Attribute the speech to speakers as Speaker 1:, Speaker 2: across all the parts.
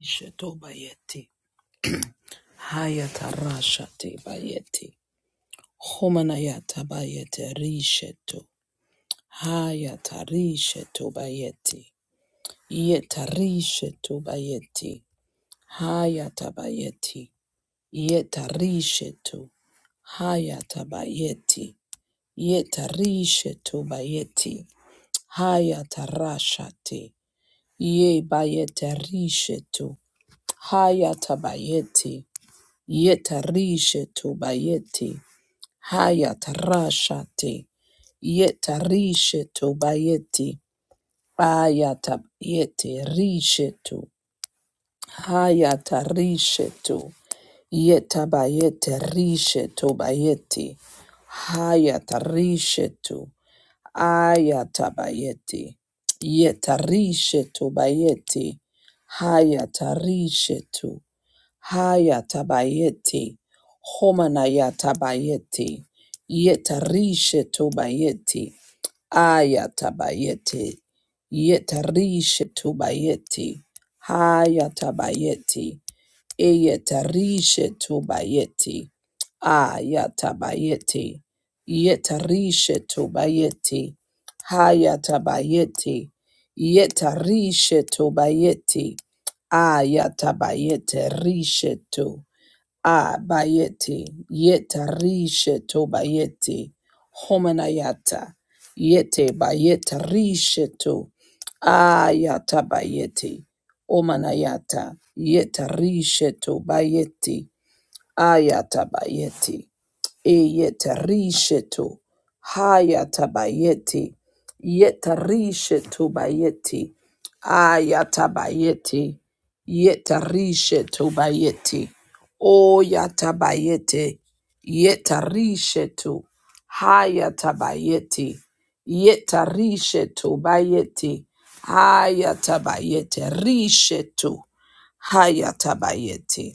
Speaker 1: Sheto bayeti. Hayata rashate bayeti. Homanayata bayete risheto. Hayata risheto bayeti. Yeta risheto bayeti. Hayata bayeti. Yeta risheto. Hayata bayeti. Yeta risheto bayeti. Hayata rashate. Ye bayete risheto. Hayata bayeti. Yetarishe tu bayeti. Hayatarashate. Yetarishe tu bayeti. Ayata yete rishe tu. Hayatarishe tu. Yetabayete rishe tu bayeti. Hayatarishe tu. Ayatabayeti. Yetarishe tu bayeti. Hayatarishe tu. Hayatabayeti, Homanayatabayeti, Yetarisha Tobayeti, Ayatabayeti, Yetarisha Tobayeti, Hayatabayeti, Eyetarishe tobayeti. Ayatabayeti. Yetarishe tobayeti. Hayatabayeti. Yetarishe tobayeti. Ayatabayete rishe to. Ah, Abayeti, yeta risheto bayeti, homanayata, yete bayeta risheto, ayata bayeti, omanayata, yeta rishe to bayeti, Ayatabayeti. Eyetarishetu. Hayatabayeti. Yetarishetu bayeti. Ayatabayeti. Yetarishetu bayeti. Oyatabayeti. Yetarishetu. Hayatabayeti. Yetarishetu bayeti. Hayatabayeti. Rishetu. Hayatabayeti.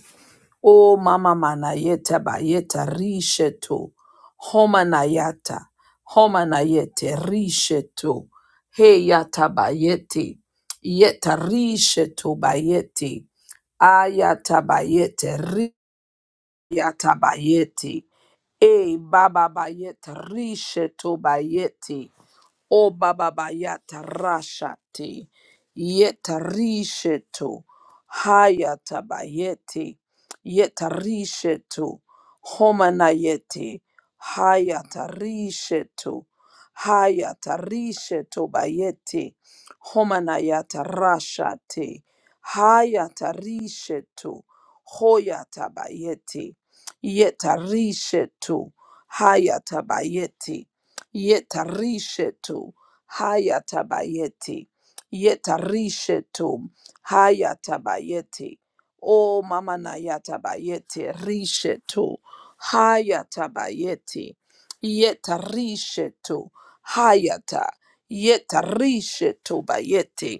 Speaker 1: O mama manayeta bayeta rishetu. Homanayata. Homanayete rishetu. Heyata bayeti. Yeta rishetu bayeti. Ayata bayete. Riyata bayeti. E baba bayete rishetu bayeti. O baba bayata rashati yetarishetu hayata bayeti yetarishetu homanayeti hayata rishetu hayata rishetu bayeti homanayata rashati hayata rishetu hoyata bayeti yetarishetu hayata bayeti yetarishetu hayatabayeti yetarishetu hayatabayeti o mama na yatabayeti rishetu hayatabayeti yetarishetu hayata yetarishetu bayeti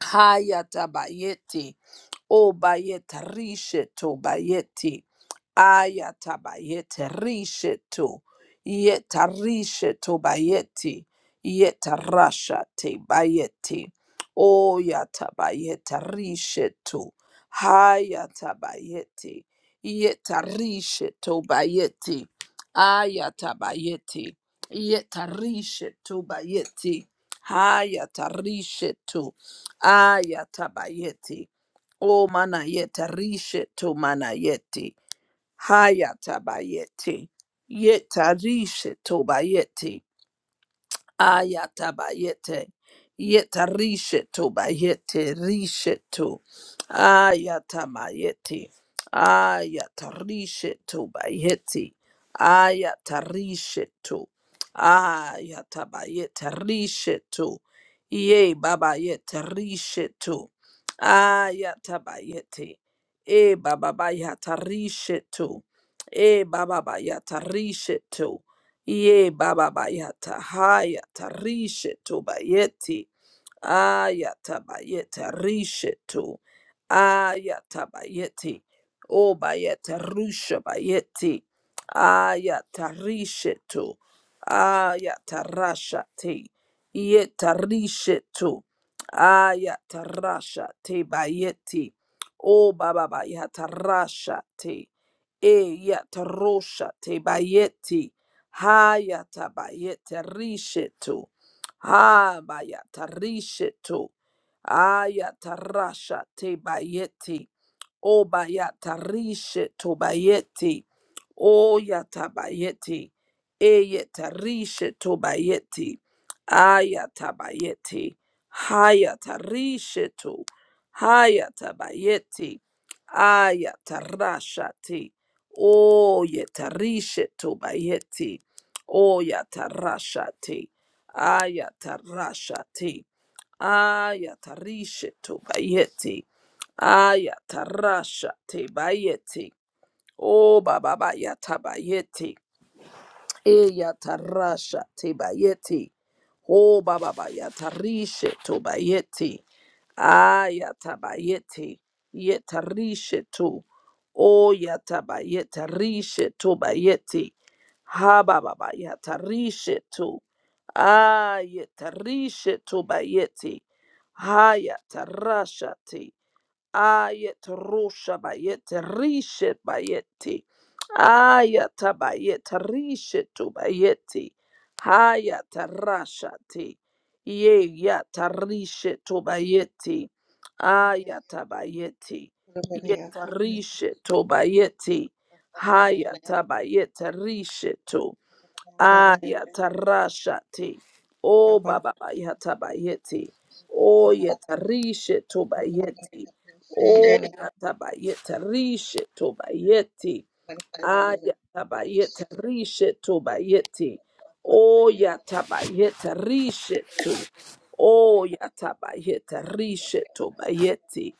Speaker 1: Hayatabayeti. Obayetarishetu bayeti. Ayatabayetarishetu. Yetarishetu bayeti. Yetarashate bayeti. Oyatabayetarishetu. Hayatabayeti. Yetarishetu bayeti. Ayatabayeti. Yetarishetu bayeti. Hayatarishetu. Ayatabayeti. O manayeta risheto manayeti. Hayatabayeti. Yeta rishe to bayeti. Ayatabayete. Yetarishetu bayete rishetu. Ayatamayeti. Ayatarishetu bayete, Ayatarishetu. Ayatabayete rishetu. Ye baba yete rishetu. Ayatabayete. E baba bayata rishetu. E baba bayata rishetu. Ye baba bayata haya tarishe tobayeti. Ayatabayete rishetu. Ayatabayete. O bayete rusha bayete. Ayatarishetu. Ayatarashate. Yetarishetu. Ayatarashate bayete. O baba bayatarashate. E yataroshate bayete. Hayatabayete rishetu. Ah, bayatarishetu. Ayatarasha te bayeti. O bayatarishe to bayeti. O yatabayeti. Eyetarishe to bayeti. Ayatabayeti. Hayatarishe to. Hayatabayeti. Ayatarasha te. O yetarishe to bayeti. O yatarasha te ayatarashati, ayatarishetu bayeti, ayatarashati bayeti, o baba bayata bayeti. Eyatarasha tebayeti. O baba bayatarishe tobayeti. Ayatabayeti. Yetarishe to. O yatabayetarishe tobayeti. Ha baba bayatarishe to. Ayetarishe tobayeti. Hayatarasha te. Ayet rusha bayet rishet bayeti. Ayata bayet rishetu bayeti. Hayata rashati. Ye yata rishetu bayeti. Ayata bayeti. Yeta rishetu bayeti. Hayata bayet rishetu. Ayatarashati. O Baba Yatabayeti. O Yatarishe Tobayeti. O Yatabayetarishe Tobayeti. Ayatabayetarishe Tobayeti. O Yatabayetarishe to. O Yatabayetarishe Tobayeti.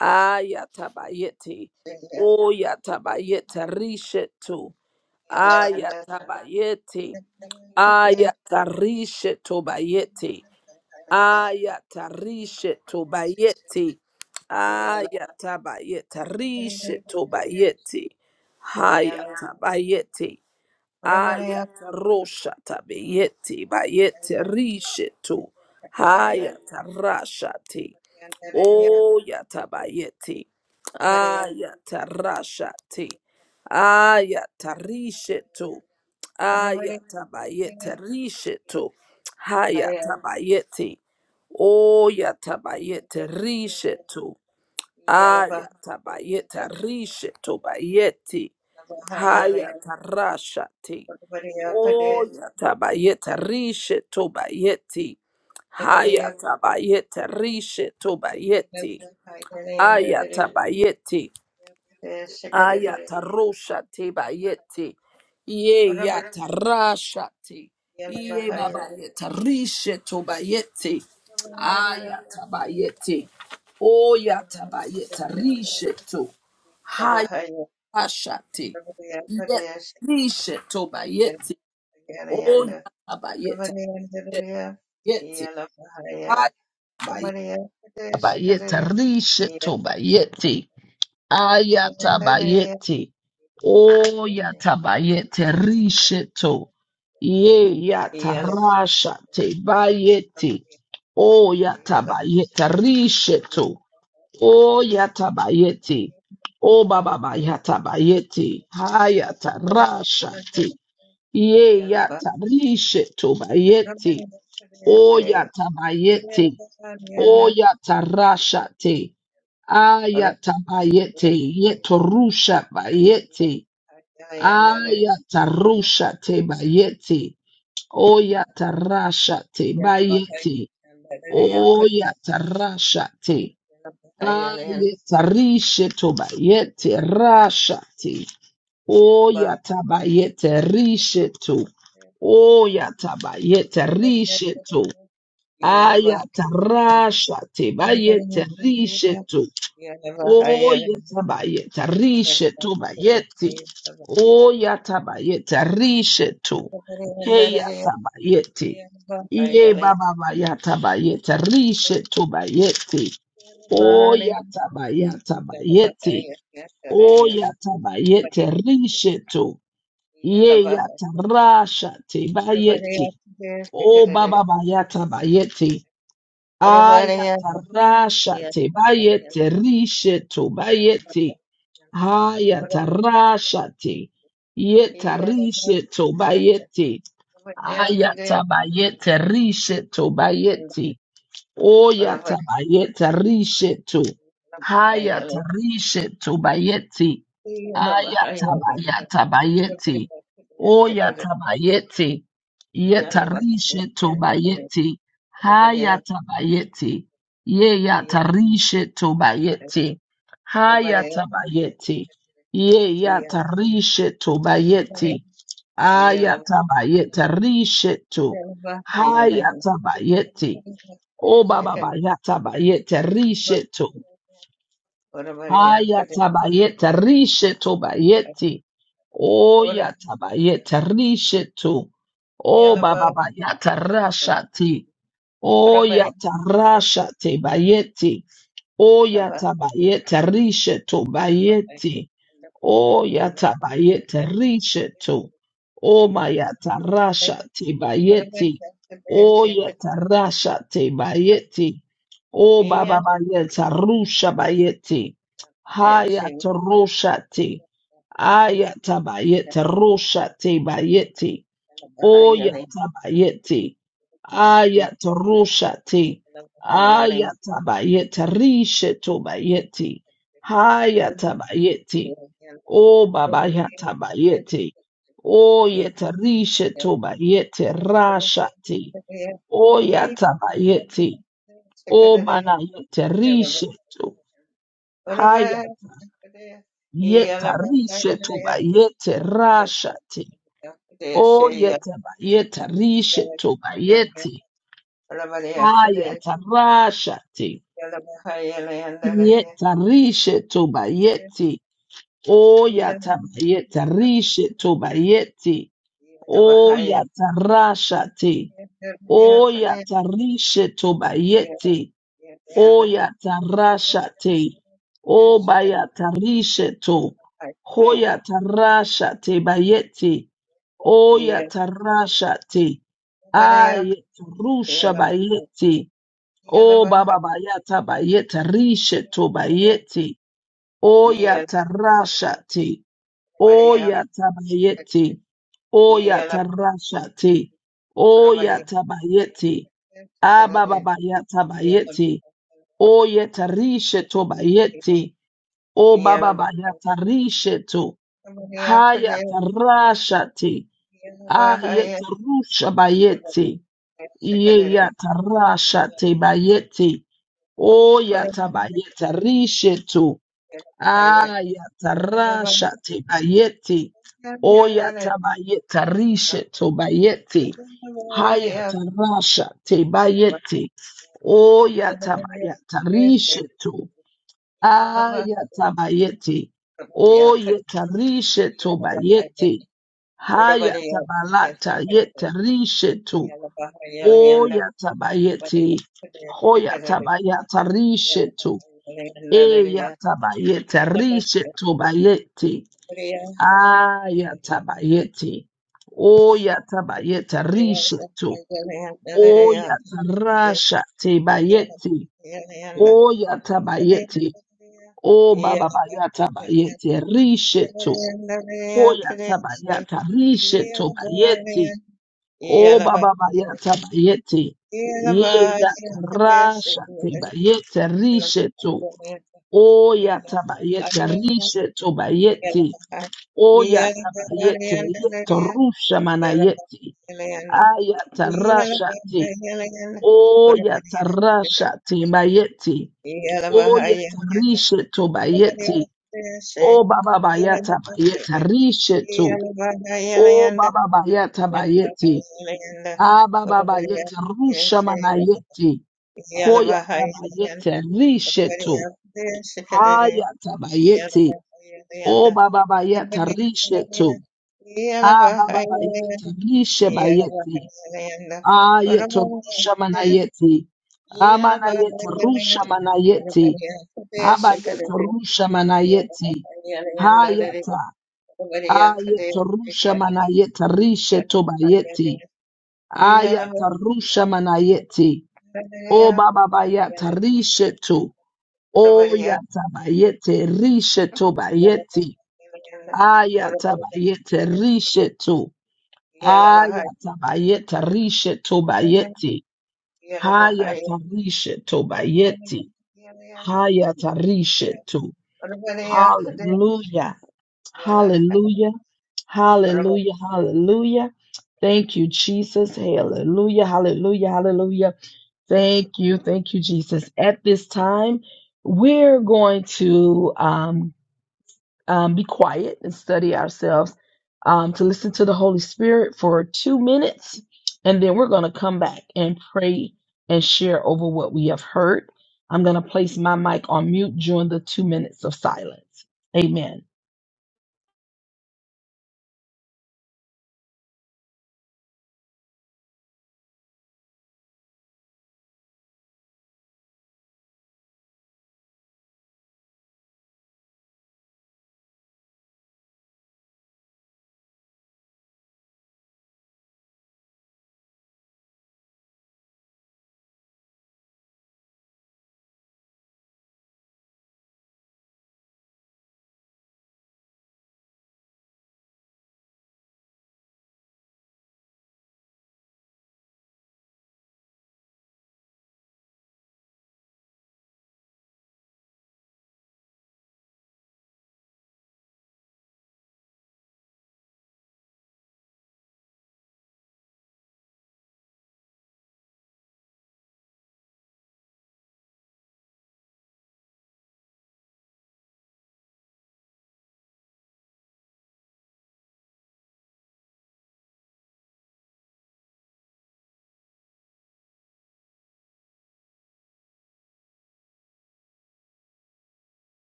Speaker 1: Ayatabayeti. O Yatabayetarishe to. Ayatabayeti. Ayatarishe tobayete. Ayatarishe tobayete. Ayatabayetarishe tobayete.
Speaker 2: Yeah.
Speaker 1: Hayatabayete.
Speaker 2: Orabarea
Speaker 1: Ayata rosha tabeyete bayete rishetu.
Speaker 2: Hariya
Speaker 1: Hayata rashati.
Speaker 2: Yandaraya
Speaker 1: Oh yata bayete.
Speaker 2: Orabarea
Speaker 1: Ayata rashati. Ayata rishetu.
Speaker 2: Orabarea
Speaker 1: Ayata bayete rishetu.
Speaker 2: Hariya
Speaker 1: Hayata bayete. Oh yata bayete rishetu.
Speaker 2: Yalaba Yalaba
Speaker 1: Ayata bayete rishetu bayete.
Speaker 2: Hayalaya
Speaker 1: Haya tarashati.
Speaker 2: Orabarea Kadesh
Speaker 1: Oya tabayete rishe tobayeti.
Speaker 2: Orabarea
Speaker 1: Haya tabayete rishe tobayeti.
Speaker 2: Yalaba Hayalaya
Speaker 1: Aya tabayeti.
Speaker 2: Kadesh
Speaker 1: Aya
Speaker 2: Kadesh
Speaker 1: tarosha tebayeti. Ye ya Ye
Speaker 2: Orabayalabahaya,
Speaker 1: babayete rishe tobayeti.
Speaker 2: Orabayalaya,
Speaker 1: Aya tabayeti. Oya tabayete rishe to.
Speaker 2: Orabayalabahaya,
Speaker 1: Ashati. Yet
Speaker 2: Orabayalabadayasha,
Speaker 1: nishe toba yeti. Oya
Speaker 2: Yalabahayalanda,
Speaker 1: taba yeta.
Speaker 2: Orabayalabadaya,
Speaker 1: Yeti.
Speaker 2: Yalabahaya,
Speaker 1: Ayaba yaba yeta.
Speaker 2: Orabayalabadayashakadada,
Speaker 1: Rishe toba yeti. Aya taba
Speaker 2: Yalabahayalandadaya, Yalayanda, Yalabahaya,
Speaker 1: yeti. Oya
Speaker 2: Orabayalabadayasha,
Speaker 1: taba yete. Rishe to. Ye ya
Speaker 2: Yalabahayalayanda,
Speaker 1: tarasha te bayeti. Oya taba yeta. Rishe to. Oya taba yeti. O baba yata bayeti. rasha tarasha Ye
Speaker 2: Yalabahayalandadaya,
Speaker 1: yata rishe
Speaker 2: Yeah.
Speaker 1: tobayete. O yata bayete. O yata rashate. Ayata bayete. Yeto rusha bayete. Ayata rusha te bayete. O yata rasha te bayete. O yata rasha te. Ayata rishe tobayete. Rasha O yatabayete rishetu. O yatabayete rishetu. Ayatarasha tebayete rishetu. O yatabayete rishetu bayeti. O yatabayete rishetu. Hey yatabayete. Iye baba bayatabayete rishetu bayeti. O
Speaker 2: Yeah.
Speaker 1: yatabayatabayete. O yatabayete rishetu. Ye yata rasha te bayeti. O baba bayata bayeti. Ayata rasha te bayete rishe to bayeti. Ayata rasha te. Yeta rishe to bayeti. Ayata bayete rishe to bayeti. Oyata bayeta rishetu. Hayata rishetu bayeti. Ayata bayata bayeti. Oyata bayeti. Yeta rishetu bayeti. Hayata bayeti. Yeyata rishetu bayeti.
Speaker 2: Yeah.
Speaker 1: Hayata bayeti. Yeyata rishetu bayeti. Ayata bayeta rishetu. Hayata bayeti. O baba bayata bayete risheto. Hayata bayete risheto bayeti. O yata bayete risheto. O baba bayata rashati. O yata rashate bayeti. O yata bayete risheto bayeti. O yatabayete rishetu. O mayatarasha tebayeti. O yatarasha tebayeti. O baba bayeta rusha bayeti. Hayatarosha te. Ayatabayete
Speaker 2: Yeah.
Speaker 1: rusha tebayeti. O yatabayeti. Ayatarosha te. Ayatabayete rishetu bayeti. Hayatabayeti. O baba yata bayete. O yeta rishe to bayete rashati. O yata bayete. O mana yete rishe to. Hayata yeta rishe to bayete rashati. O yeta bayeta rishe to bayete. Hayata rashati. Yeta rishe to bayete. O yata bayeta rishe to bayete.
Speaker 2: Yeah.
Speaker 1: O yatarashate. O yatarishe tobayete. O yatarashate. O bayatarishe to. Ho yatarashate bayete. O yatarashate. Ayetarusha bayete. O baba bayata bayetarishe to bayete. O yatarashate. Oya tabayeti. Oya tarashati. Oya tabayeti, tabayeti, Oyatabayete. tabayeti, Oya Abababayatabayete. bayeti, O bababaya tarisheto. Haya tarashati. Ayeta rusha bayeti, Obababa Hayatarashate. bayeti, Oya
Speaker 2: Yeah.
Speaker 1: tabayeta Oyatabayetarishe Ayatarasha tebayeti. Oyatabayeta rishe tobayeti. Hayatarasha tebayeti. Oyatabayeta rishe to. Ayatabayeti. Oyetarishe tobayeti. Hayatabalata yeta rishe to. Oyatabayeti. Hoyatabayata rishe Eyatabayete, rishetobayete, ayatabayete, oyatabayete, risheto, oyatarashatebayete,
Speaker 2: Yeah,
Speaker 1: oyatabayete, obababatabayete, risheto, oyatabayata, rishetobayete, obababatabayete, yeyatarashatebayete, to. Oya tabayete rishe tobayeti. Oya tabayete yeto rusha manayeti. Aya tarashati. Oya tarashati bayeti. Oya tarishe tobayeti. O baba bayata bayeta rishe to. O baba bayata bayeti. A baba bayete rusha manayeti. Hoya tabayete rishe to. Haya tabayeti. O
Speaker 2: Yeah.
Speaker 1: baba bayeta rishe Ah baba bayeta rishe bayeti. Ah yeto rusha manayeti. Amana yeta rusha manayeti. Aba yeta rusha manayeti. Hayata.
Speaker 2: Hello,
Speaker 1: Ah yeto rusha manayeta rishe tu bayeti. Ayata rusha manayeti. O baba bayeta rishe tu. O yata bayete rishe tu bayeti. Ayatabayete rishetu. Ayatabayete rishetu bayeti. Hayatarishetu bayeti. Hayatarishetu. Hallelujah. Hallelujah. Hallelujah. Hallelujah. Thank you, Jesus. Hallelujah. Hallelujah. Hallelujah. Thank you. Thank you, Jesus. At this time, we're going to um, um, be quiet and study ourselves um, to listen to the Holy Spirit for two minutes. And then we're going to come back and pray and share over what we have heard. I'm going to place my mic on mute during the two minutes of silence. Amen.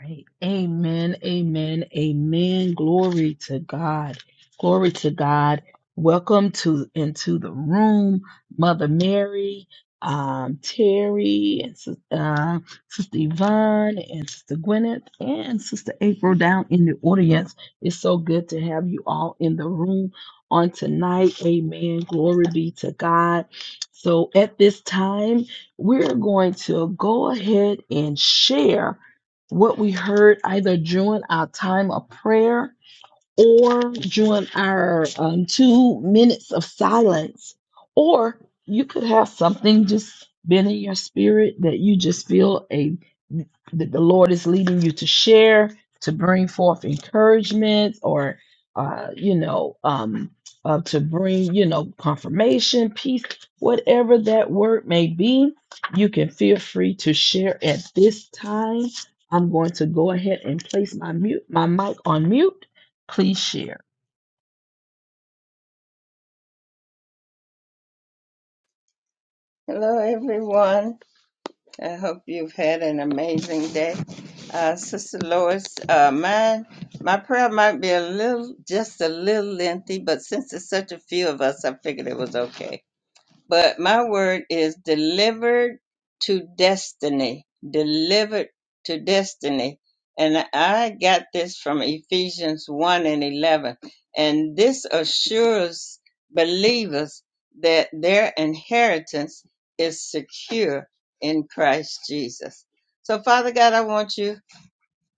Speaker 1: Right. Amen. Amen. Amen. Glory to God. Glory to God. Welcome to into the room, Mother Mary, um, Terry, and Sis- uh, Sister Yvonne, and Sister Gwyneth, and Sister April down in the audience. It's so good to have you all in the room on tonight. Amen. Glory be to God. So at this time, we're going to go ahead and share what we heard either during our time of prayer or during our um, two minutes of silence, or you could have something just been in your spirit that you just feel a that the Lord is leading you to share, to bring forth encouragement, or uh, you know, um, uh, to bring you know confirmation, peace, whatever that word may be. You can feel free to share at this time. I'm going to go ahead and place my mute my mic on mute Please share.
Speaker 2: everyone. I hope you've had an amazing day. Uh, Sister Lois, uh, mine, my prayer might be a little, just a little lengthy, but since it's such a few of us, I figured it was okay but my word is delivered to destiny, delivered to destiny. And I got this from Ephesians 1 and 11. And this assures believers that their inheritance is secure in Christ Jesus. So, Father God, I want you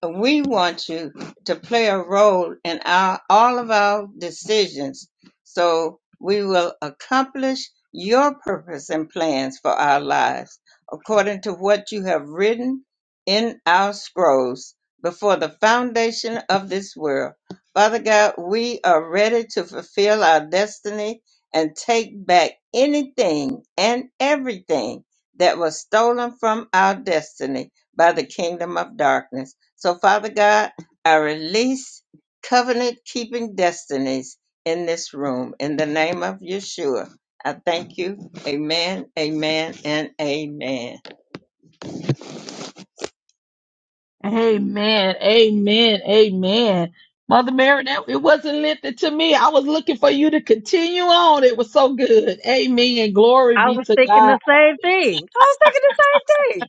Speaker 2: we want you to play a role in our, all of our decisions so we will accomplish your purpose and plans for our lives according to what you have written in our scrolls before the foundation of this world. Father God, we are ready to fulfill our destiny and take back anything and everything that was stolen from our destiny by the kingdom of darkness. So, Father God, I release covenant keeping destinies in this room. In the name of Yeshua, I thank you. Amen, amen, and amen.
Speaker 1: Amen. Amen. Amen. Mother Mary, that it wasn't lifted to me. I was looking for you to continue on. It was so good. Amen. Glory
Speaker 3: I
Speaker 1: be
Speaker 3: was
Speaker 1: to
Speaker 3: thinking
Speaker 1: God.
Speaker 3: the same thing. I was thinking the same thing.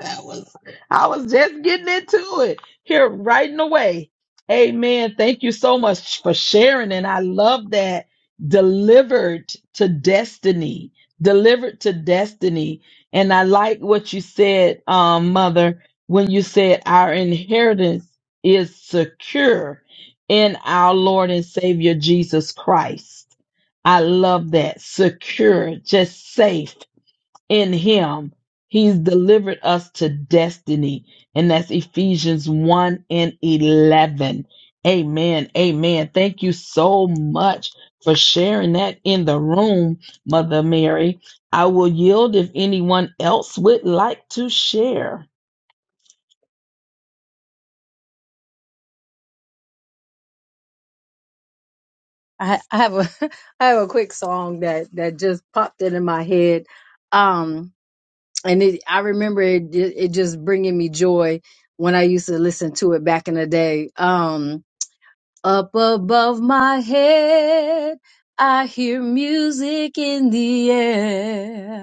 Speaker 1: That was I was just getting into it here right in the way. Amen. Thank you so much for sharing. And I love that delivered to destiny. Delivered to destiny. And I like what you said, um, mother, when you said our inheritance is secure in our Lord and Savior Jesus Christ. I love that. Secure, just safe in him he's delivered us to destiny and that's ephesians 1 and 11 amen amen thank you so much for sharing that in the room mother mary i will yield if anyone else would like to share
Speaker 3: I, I have a I have a quick song that that just popped into my head, um, and it, I remember it ju- it just bringing me joy when I used to listen to it back in the day. Um, up above my head, I hear music in the air.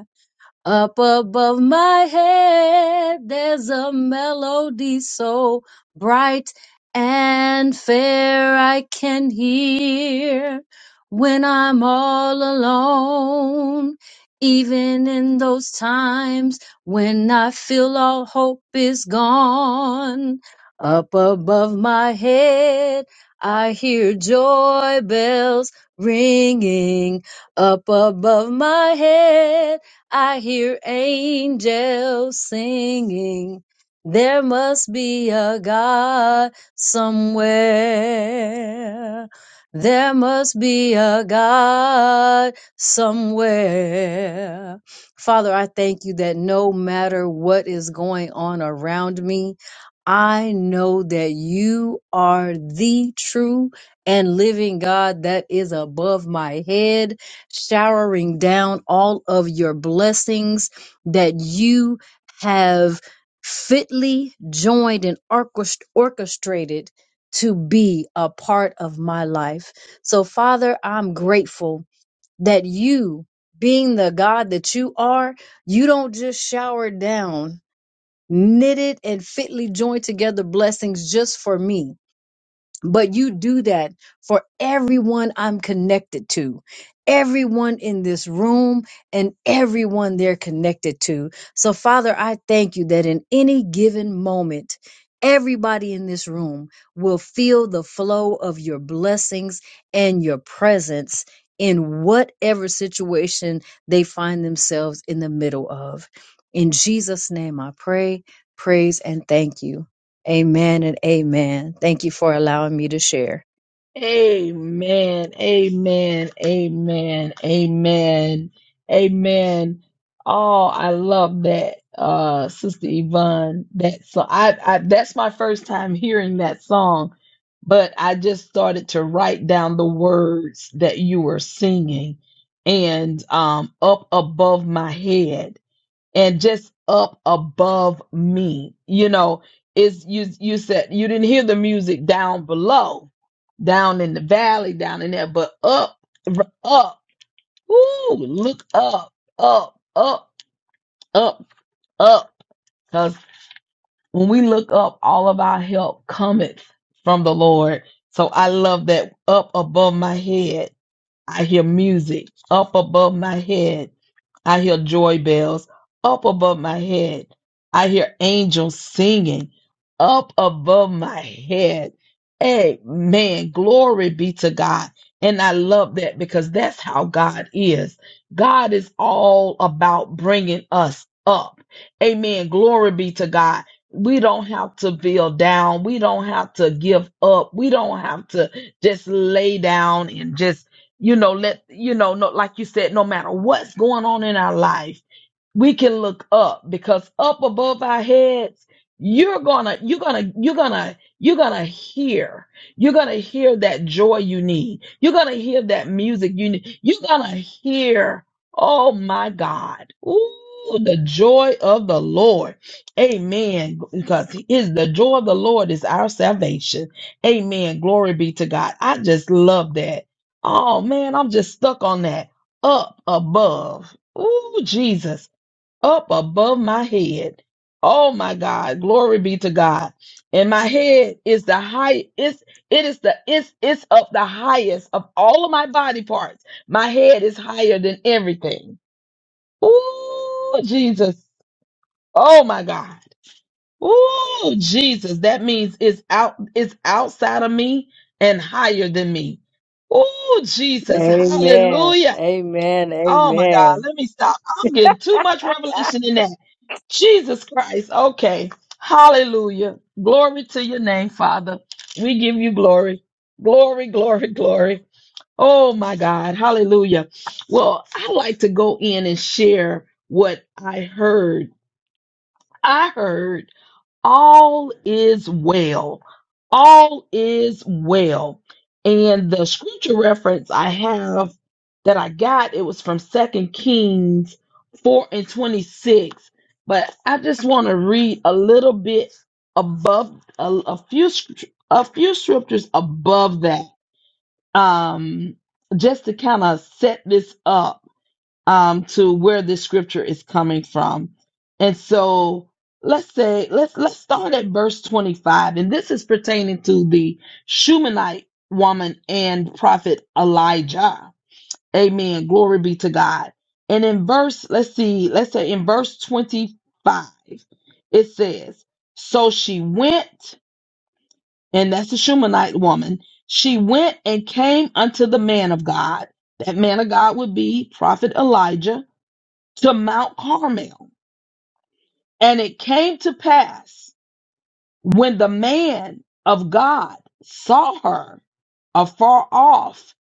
Speaker 3: Up above my head, there's a melody so bright and fair I can hear when I'm all alone. Even in those times when I feel all hope is gone, up above my head, I hear joy bells ringing up above my head. I hear angels singing. There must be a God somewhere. There must be a God somewhere. Father, I thank you that no matter what is going on around me, I know that you are the true and living God that is above my head showering down all of your blessings that you have fitly joined and orchest- orchestrated to be a part of my life. So, Father, I'm grateful that you, being the God that you are, you don't just shower down knitted and fitly joined together blessings just for me but you do that for everyone I'm connected to, everyone in this room, and everyone they're connected to. So, Father, I thank you that in any given moment, everybody in this room will feel the flow of your blessings and your presence in whatever situation they find themselves in the middle of. In Jesus' name, I pray, praise, and thank you. Amen and amen. Thank you for allowing me to share.
Speaker 1: Amen. Amen. Amen. Amen. Amen. Oh, I love that, uh, Sister Yvonne. That so I, I that's my first time hearing that song, but I just started to write down the words that you were singing and um up above my head and just up above me. You know, is you you said you didn't hear the music down below, down in the valley, down in there, but up, r- up, ooh, look up, up, up, up, up. Because when we look up, all of our help cometh from the Lord. So I love that up above my head I hear music up above my head. I hear joy bells up above my head. I hear angels singing up above my head. Amen. Glory be to God. And I love that because that's how God is. God is all about bringing us up. Amen. Glory be to God. We don't have to feel down. We don't have to give up. We don't have to just lay down and just you know let you know no, like you said no matter what's going on in our life we can look up because up above our heads you're gonna you're gonna you're gonna you're gonna hear you're gonna hear that joy you need you're gonna hear that music you need you're gonna hear oh my god Ooh, the joy of the Lord. Amen. Because he is the joy of the Lord is our salvation. Amen. Glory be to God. I just love that. Oh man, I'm just stuck on that. Up above. Ooh, Jesus up above my head. Oh my God, glory be to God. And my head is the high, it's it is the it's it's up the highest of all of my body parts. My head is higher than everything. Ooh, Jesus. Oh my God. Ooh, Jesus. That means it's out, it's outside of me and higher than me. Ooh, Jesus.
Speaker 3: Amen.
Speaker 1: Hallelujah.
Speaker 3: Amen.
Speaker 1: Oh my God.
Speaker 3: Amen.
Speaker 1: Let me stop. I'm getting too much revelation in that. Jesus Christ. Okay. Hallelujah. Glory to your name, Father. We give you glory. Glory, glory, glory. Oh my God. Hallelujah. Well, I'd like to go in and share what I heard. I heard all is well. All is well. And the scripture reference I have that I got, it was from Second Kings 4 and 26. But I just want to read a little bit above a, a few script- a few scriptures above that. Um just to kind of set this up um, to where this scripture is coming from. And so let's say let's let's start at verse 25, and this is pertaining to the Shumanite woman and prophet Elijah. Amen. Glory be to God. And in verse, let's see, let's say in verse 25, it says, So she went, and that's the Shumanite woman, she went and came unto the man of God. That man of God would be prophet Elijah to Mount Carmel. And it came to pass when the man of God saw her afar off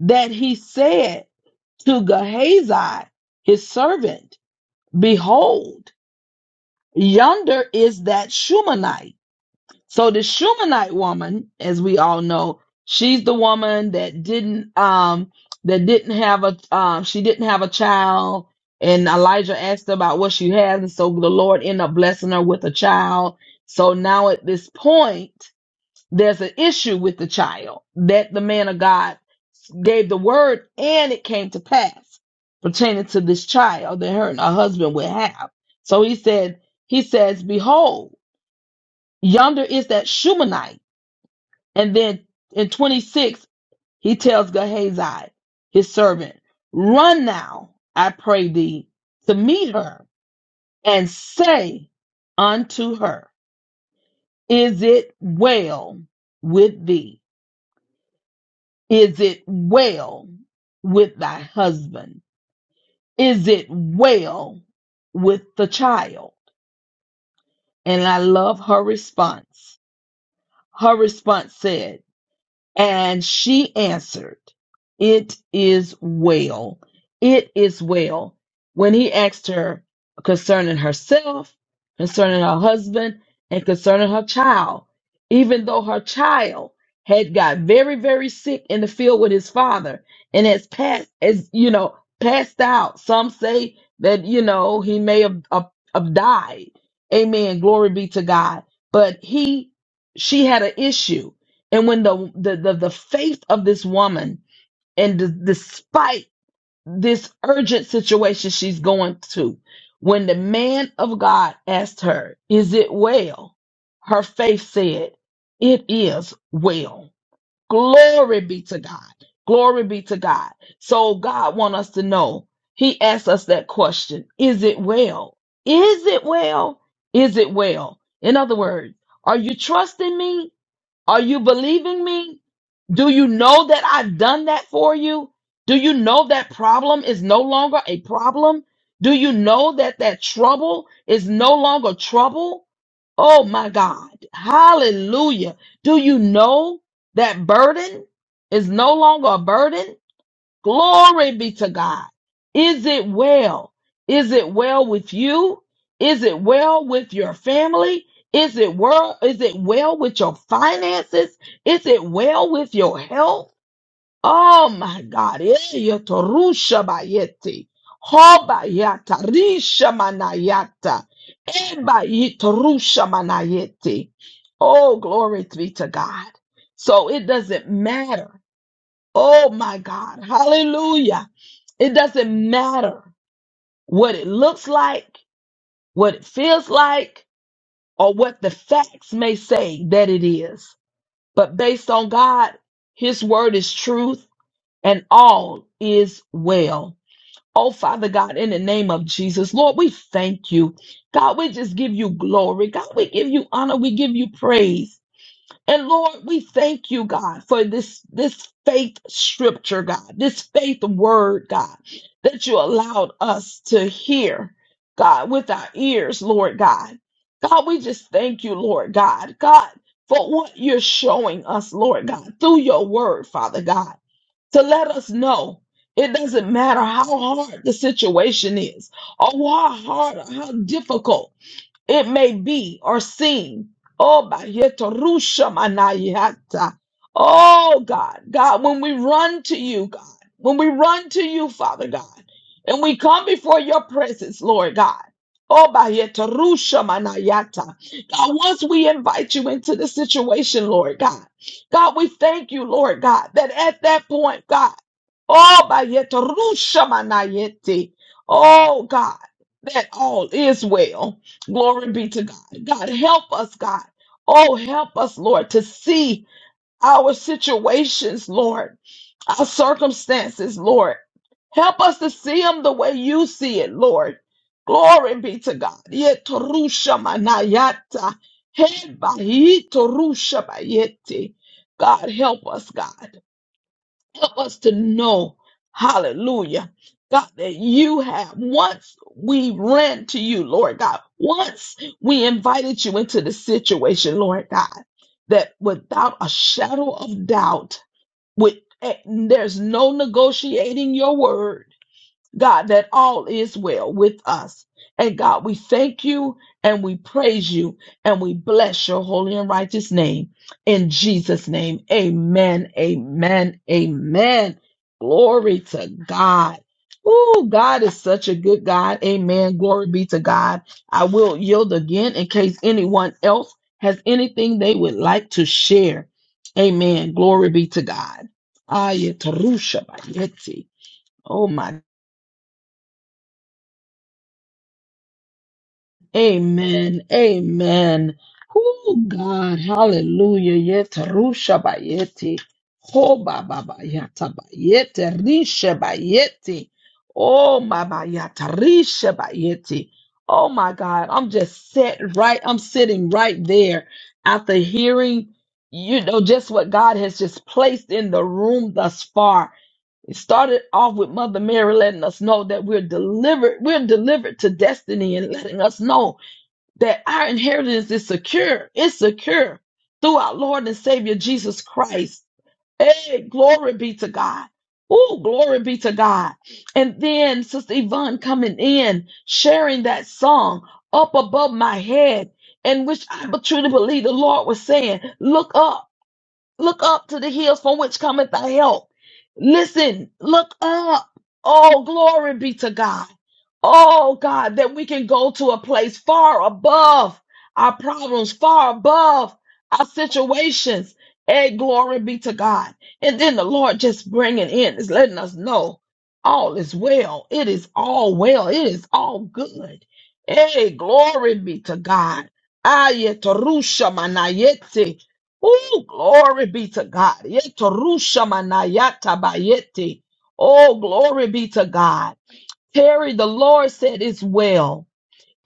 Speaker 1: that he said to Gehazi, his servant, Behold, yonder is that Shumanite So the Shumanite woman, as we all know, she's the woman that didn't um that didn't have a um she didn't have a child, and Elijah asked her about what she has, and so the Lord ended up blessing her with a child. So now at this point, there's an issue with the child that the man of God gave the word, and it came to pass pertaining to this child that her and her husband would have. So he said, he says, behold, yonder is that Shumanite and then in 26, he tells Gehazi, his servant, Run now, I pray thee, to meet her, and say unto her, Is it well with thee? Is it well with thy husband? Is it well with the child? And I love her response. Her response said. And she answered, It is well. It is well. When he asked her concerning herself, concerning her husband, and concerning her child, even though her child had got very, very sick in the field with his father and has passed, as you know, passed out. Some say that, you know, he may have, have, have died. Amen. Glory be to God. But he, she had an issue and when the the the, the faith of this woman, and d- despite this urgent situation she's going to, when the man of God asked her, "Is it well?" Her faith said, "It is well." Glory be to God. Glory be to God. So God want us to know. He asks us that question: Is it well? Is it well? Is it well? In other words, are you trusting me? Are you believing me? Do you know that I've done that for you? Do you know that problem is no longer a problem? Do you know that that trouble is no longer trouble? Oh my God. Hallelujah. Do you know that burden is no longer a burden? Glory be to God. Is it well? Is it well with you? Is it well with your family? Is it well? Is it well with your finances? Is it well with your health? Oh my God. Eh, bayeti. Hobayata, risha manayata. Eba manayeti. Oh, glory be to God. So it doesn't matter. Oh my God. Hallelujah it doesn't matter what it looks like, what it feels like, or what the facts may say that it is. But based on God, His word is truth and all is well. Oh, Father God, in the name of Jesus, Lord, we thank you. God, we just give you glory. God, we give you honor. We give you praise. And Lord, we thank you, God, for this, this faith scripture, God, this faith word, God, that you allowed us to hear, God, with our ears, Lord God. God, we just thank you, Lord God, God, for what you're showing us, Lord God, through your word, Father God, to let us know it doesn't matter how hard the situation is or how hard or how difficult it may be or seem. Oh, Bayetarusha manayata. oh God, God, when we run to you, God, when we run to you, Father God, and we come before your presence, Lord God. Oh, Bayetarusha manayata. God, once we invite you into the situation, Lord God, God, we thank you, Lord God, that at that point, God, oh, Bayetarusha manayete. oh God, that all is well. Glory be to God. God, help us, God. Oh, help us, Lord, to see our situations, Lord, our circumstances, Lord. Help us to see them the way you see it, Lord. Glory be to God. Yetorusha manayata. Hebahi torusha bayete. God, help us, God. Help us to know, hallelujah, God, that you have once we ran to you, Lord God, once we invited you into the situation, Lord God, that without a shadow of doubt, with eh, there's no negotiating your word God, that all is well with us. And God, we thank you and we praise you and we bless your holy and righteous name. In Jesus' name, amen, amen, amen. Glory to God. Oh, God is such a good God. Amen. Glory be to God. I will yield again in case anyone else has anything they would like to share. Amen. Glory be to God. Ayatarusha bayeti. Oh, my Amen. Amen. Oh God, hallelujah. Yetarusha bayeti. Ho baba bayata bayete. Risha bayeti. Oh my bayata. Risha bayeti. Oh my God. I'm just set right. I'm sitting right there after hearing, you know, just what God has just placed in the room thus far. It started off with Mother Mary letting us know that we're delivered, we're delivered to destiny and letting us know that our inheritance is secure. It's secure through our Lord and Savior Jesus Christ. Hey, glory be to God. Oh, glory be to God. And then Sister Yvonne coming in, sharing that song up above my head, in which I truly believe the Lord was saying, Look up. Look up to the hills from which cometh thy help. Listen, look up. Oh, glory be to God. Oh, God, that we can go to a place far above our problems, far above our situations. And glory be to God. And then the Lord just bringing in is letting us know all is well. It is all well. It is all good. Hey, glory be to God. Ayet rusha manayete. Oh, glory be to God. Yetorusha manayata bayete. Oh, glory be to God. Terry, the Lord said, It's well.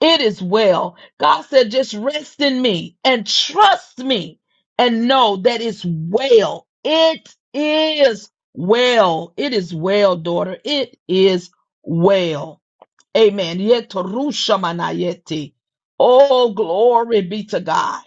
Speaker 1: It is well. God said, Just rest in me and trust me and know that it's well. It is well. It is well, daughter. It is well. Amen. Yetorusha manayete. Oh, glory be to God.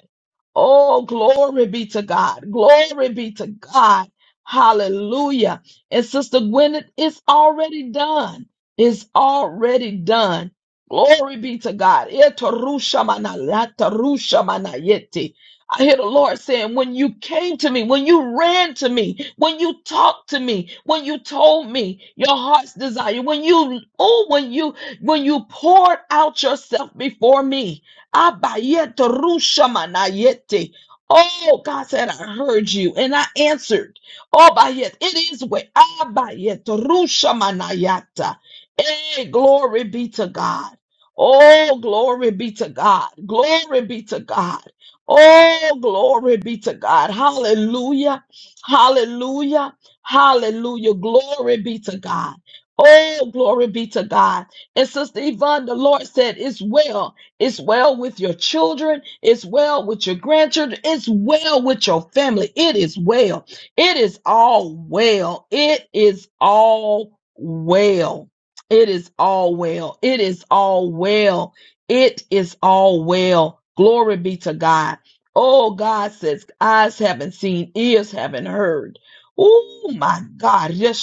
Speaker 1: Oh, glory be to God. Glory be to God. Hallelujah. And Sister Gwyneth, it's already done. It's already done. Glory be to God. Etarusha mana, latarusha mana yeti. I hear the Lord saying, when you came to me, when you ran to me, when you talked to me, when you told me your heart's desire, when you, oh, when you, when you poured out yourself before me, Abayeto rushamanayete. Oh, God said, I heard you and I answered. Oh, bayet, it is way. Abayeto rushamanayata. Hey, glory be to God. Oh, glory be to God. Glory be to God. Oh, glory be to God. Hallelujah. Hallelujah. Hallelujah. Glory be to God. Oh, glory be to God. And Sister Yvonne, the Lord said, It's well. It's well with your children. It's well with your grandchildren. It's well with your family. It is well. It is all well. It is all well. It is all well. It is all well. It is all well. Glory be to God. Oh, God says, eyes haven't seen, ears haven't heard. Oh, my God. Yes,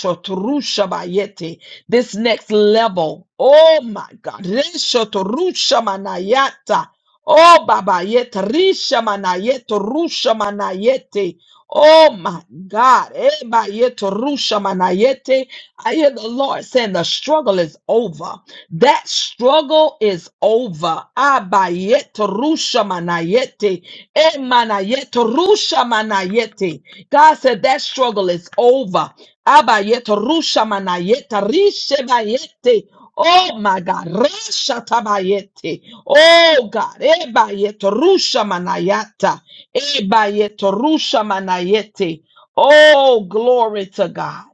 Speaker 1: this next level. Oh my God. Reshoto rusha manayata. Oh Baba yet risha manayeto rusha manayete. Oh my God. Eba yeto rusha manayete. I hear the Lord saying the struggle is over. That struggle is over. Aba yeto rusha manayete. E manayeto rusha manayete. God said that struggle is over. Abayet rusha manayeta rishe bayete. Oh my God, rasha tabayete. Oh God, ebayet rusha manayata. Ebayet rusha manayete. Oh glory to God.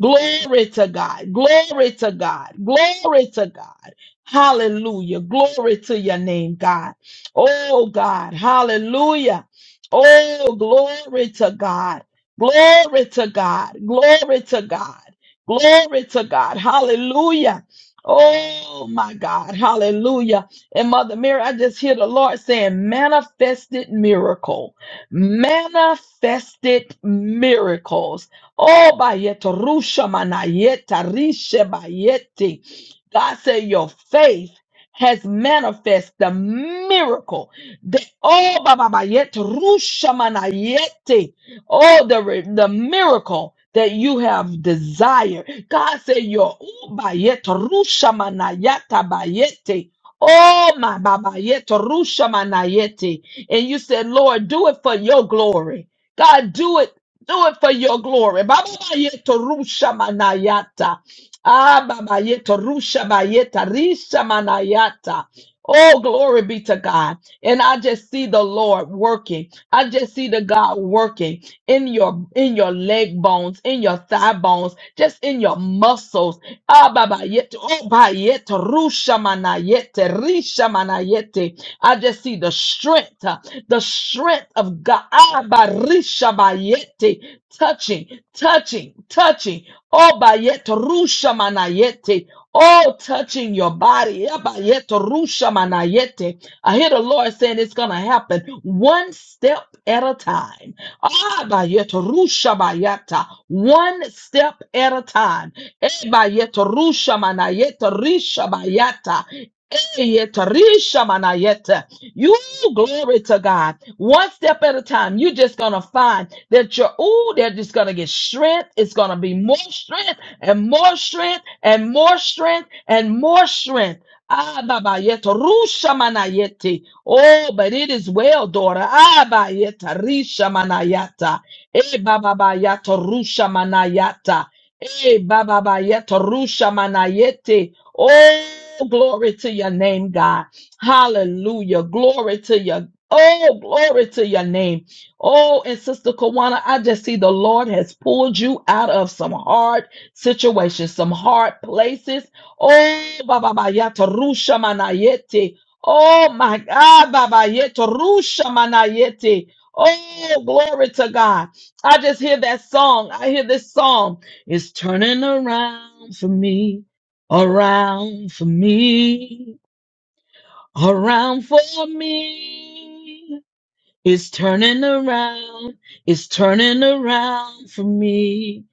Speaker 1: Glory to God. Glory to God. Glory to God. Hallelujah. Glory to your name, God. Oh God. Hallelujah. Oh, glory to God. Glory to God. Glory to God. Glory to God. Hallelujah. Oh my God. Hallelujah. And Mother Mary, I just hear the Lord saying, manifested miracle. Manifested miracles. Oh, bayeta rusha manayeta rishe bayeti. God said, your faith has manifest the miracle. The oh, ba ba ba yet rusha manayete. Oh, the, re- the miracle that you have desired. God said, Your ubayeta rusha manayata bayete. Oh, my babayeta rusha manayete. And you said, Lord, do it for your glory. God, do it. Do it for your glory. Babayeta rusha manayata. Ah, babayeta rusha bayeta risha manayata. Oh, glory be to God. And I just see the Lord working. I just see the God working in your in your leg bones, in your thigh bones, just in your muscles. Ah, baba yet, oh, ba yet, rusha mana yet, risha mana yet. I just see the strength, uh, the strength of God. Ah, ba risha ba yet, touching, touching, touching. Oh, ba yet, rusha mana yet. Oh, touching your body. Ah, ba yet, rusha mana yet. I hear the Lord saying it's going to happen one step at a time. Ah, bayeta, rusha bayata. One step at a time. Eh, bayeta, rusha manayeta, risha bayata. Eh, yeta, risha manayeta. You glory to God. One step at a time. You're just gonna find that you're ooh, they're just gonna get strength. It's gonna be more strength and more strength and more strength and more strength. Ah, Baba Yeta, Rusha Manayete. Oh, but it is well, daughter. Ah, Baba Yeta, Risha Manayata. Eh, Baba ba Yata, Rusha Manayata. Eh, Baba ba Yeta, Rusha Manayete. Oh, glory to your name, God. Hallelujah. Glory to your Oh, glory to your name. Oh, and Sister Kawana, I just see the Lord has pulled you out of some hard situations, some hard places Oh, Baba Bayato Rusha Manayete. Oh, my God, Baba Yeto Rusha Manayete. Oh, glory to God. I just hear that song. I hear this song. It's turning around for me, around for me, around for me. It's turning around. It's turning around for me.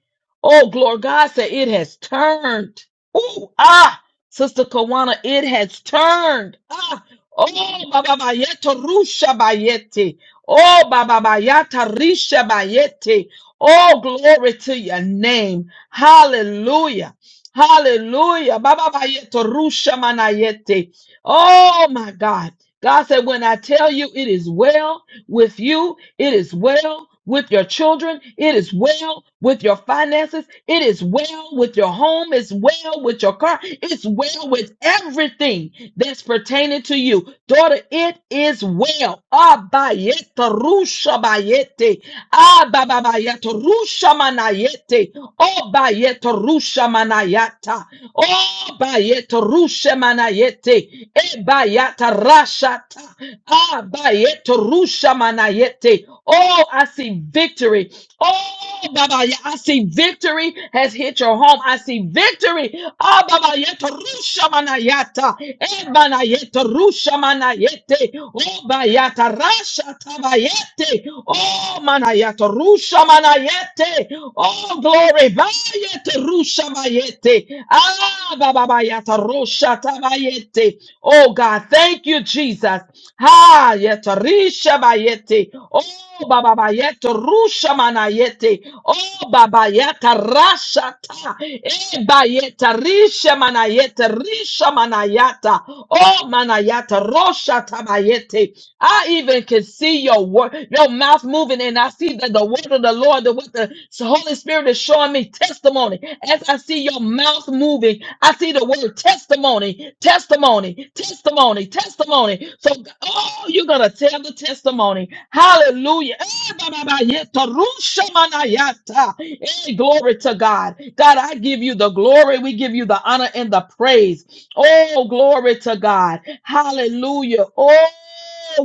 Speaker 1: Oh, glory. God said it has turned. Ooh, ah, Sister Kawana, it has turned. Ah, oh, Baba Bayeta Rusha Bayete. Oh, Baba Bayata Risha Bayete. Oh, glory to your name. Hallelujah. Hallelujah. Baba Bayeta Rusha Manayete. Oh, my God. God said, when I tell you it is well, with you. It is well with your children. It is well with your finances. It is well with your home. It's well with your car. It's well with everything that's pertaining to you. Daughter, it is well. Abayete rushabayete. Abababayete rushamanayete. Obayete rushamanayata. Obayete rushamanayete. Ebayata rashata. Ah, ba yete rusha mana yete. Oh, I see victory. Oh, Baba, yeah, I see victory has hit your home. I see victory. Ah, Baba, yeta rusha manayata. Eh, banayeta rusha manayete. Oh, bayata rasha tabayete. Oh, manayata rusha manayete. Oh, glory. Bayete rusha bayete. Ah, Baba, bayata rusha tabayete. Oh, God, thank you, Jesus. Ha, yeta risha bayete. Oh Baba Yete Rusha Manayete. Oh Baba Yata rasha ta. Eh Bayeta Risha Manayete Risha Manayata. Oh Manayata Rosha Tabayete. I even can see your word, your mouth moving, and I see that the word of the Lord, the what the Holy Spirit is showing me say testimony. As I see your mouth moving, I see the word testimony, testimony, testimony, testimony. So, oh, you're going to tell the testimony. Hallelujah. Eh, ba, ba, ba, ye, to ru, sha, ma, na, ya, ta. Eh, Glory to God. God, I give you the glory. We give you the honor and the praise. Oh, glory to God. Hallelujah. Oh,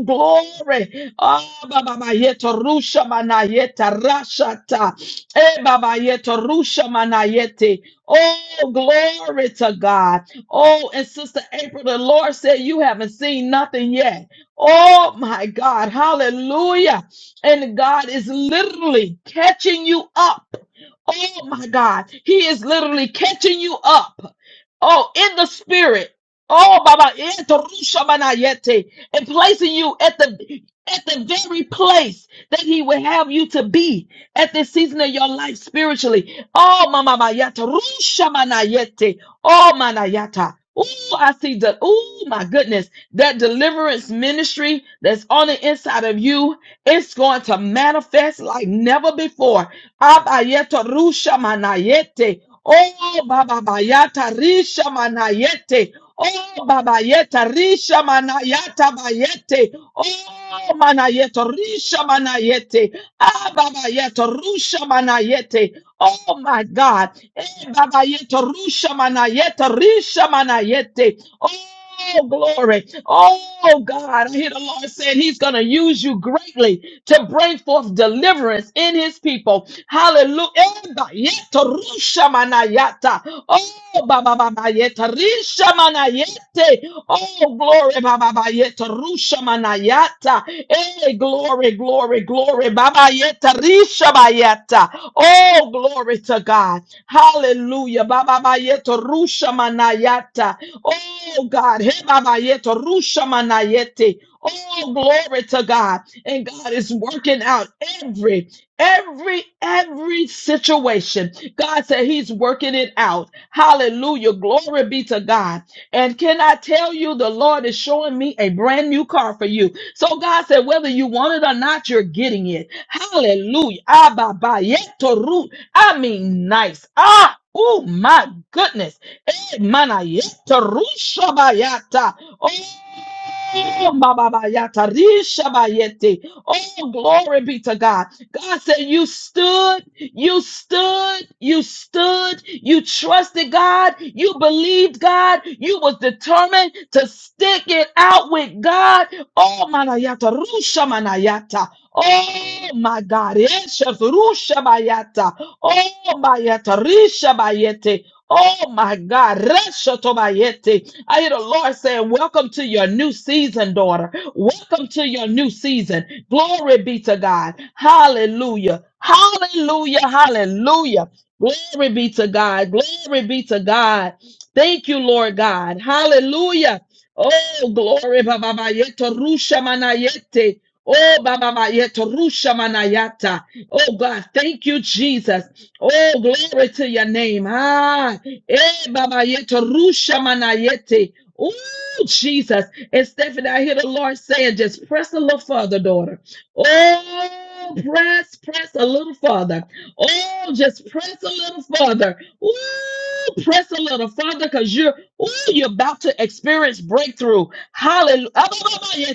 Speaker 1: glory. Ah, baba yeto rusha manayeta rashata. Eh, baba yeto rusha manayete. Oh, glory to God. Oh, and Sister April, the Lord said you haven't seen nothing yet. Oh my God. Hallelujah. And God is literally catching you up. Oh my God. He is literally catching you up. Oh, in the spirit. Oh, Baba, in the Rusha Manayete, and placing you at the at the very place that He would have you to be at this season of your life spiritually. Oh, Mama Mayata, Rusha Manayete, oh Manayata. Ooh, I see the. Ooh, my goodness, that deliverance ministry that's on the inside of you, it's going to manifest like never before. Abayeta Rusha Manayete. Oh baba bayata risha manayete. Oh baba yeta risha manayata bayete. Oh manayeto risha manayete. Ah baba yeto rusha manayete. Oh my God. Eh baba yeto rusha manayete risha manayete. Oh glory. Oh God. I hear the Lord saying he's going to use you greatly to bring forth deliverance in his people. Hallelujah. Eba, yeto, rusha, manayata. Oh, ba, ba, ba, ba, yeta, risha, manayete. Oh, glory. ba, ba, ba, yeta, rusha, manayata. Eh, glory, glory, glory. ba, ba, yeta, risha, bayata. Oh, glory to God. Hallelujah. ba, ba, ba, yeta, rusha, manayata. Oh, God. He, ba, ba, yeta, rusha, manayete. Oh, glory to God and God is working out every, every, every situation. God said He's working it out. Hallelujah. Glory be to God. And can I tell you, the Lord is showing me a brand new car for you. So God said, whether you want it or not, you're getting it. Hallelujah. Abba, ba, I mean, nice. Ah, oh my goodness. Eh, mana, shabayata. Oh, ba, ba, ba, ya, ta, ri, Oh, glory be to God. God said, You stood, you stood, you stood, you trusted God, you believed God, you was determined to stick it out with God. Oh, manayata, rusha manayata. Oh my God, Esha, rusha bayata. Oh, bayata, risha bayete. Oh my God. Reshotobayete. I hear the Lord saying, Welcome to your new season, daughter. Welcome to your new season. Glory be to God. Hallelujah. Hallelujah. Hallelujah. Glory be to God. Glory be to God. Thank you, Lord God. Hallelujah. Oh, glory. Baba Yeto Rusha Manayete. Oh, Baba Yeto Rusha Manayata. Oh, God. Thank you, Jesus. Oh, glory to your name. Ah. Eh, Baba Yete, Rusha Manayete. Oh, Jesus. And Stephanie, I hear the Lord saying, just press a little further, daughter. Oh, press, press a little further. Oh, just press a little further. Oh, press a little further because you're, oh, you're about to experience breakthrough. Hallelujah. Hey,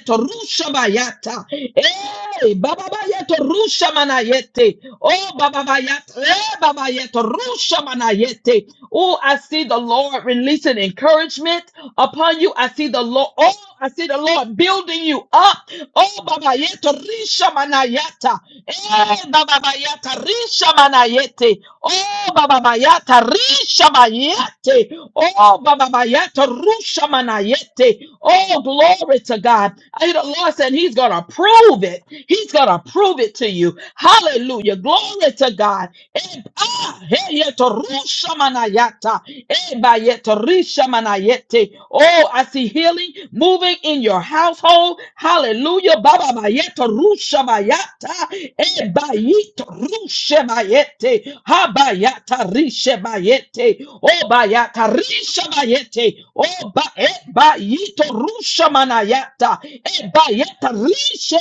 Speaker 1: Baba Yeto Rusha Manayete. Oh, Baba Yata, Baba Yeto Rusha Manayete. Oh, I see the Lord releasing encouragement upon you. I see the Lord. Oh, I see the Lord building you up. Oh, Baba Yeto Risha Manayata. Eh, Baba Yata Risha Manayete. Oh, Baba Mayata, Risha Mayete. Oh, Baba Mayata, Rusha Manayete. Oh, glory to God. I hear the Lord said He's going to prove it. He's going to prove it to you. Hallelujah. Glory to God. Eh, ah, hey, yeto, Rusha Manayata. Eh, Bayeta, Risha Manayete. Oh, I see healing moving in your household. Hallelujah. Hallelujah. Rababayeta rusha bayata ebayita rusha bayete habayata risha bayete obayata risha oba ebayita rusha ebayeta risha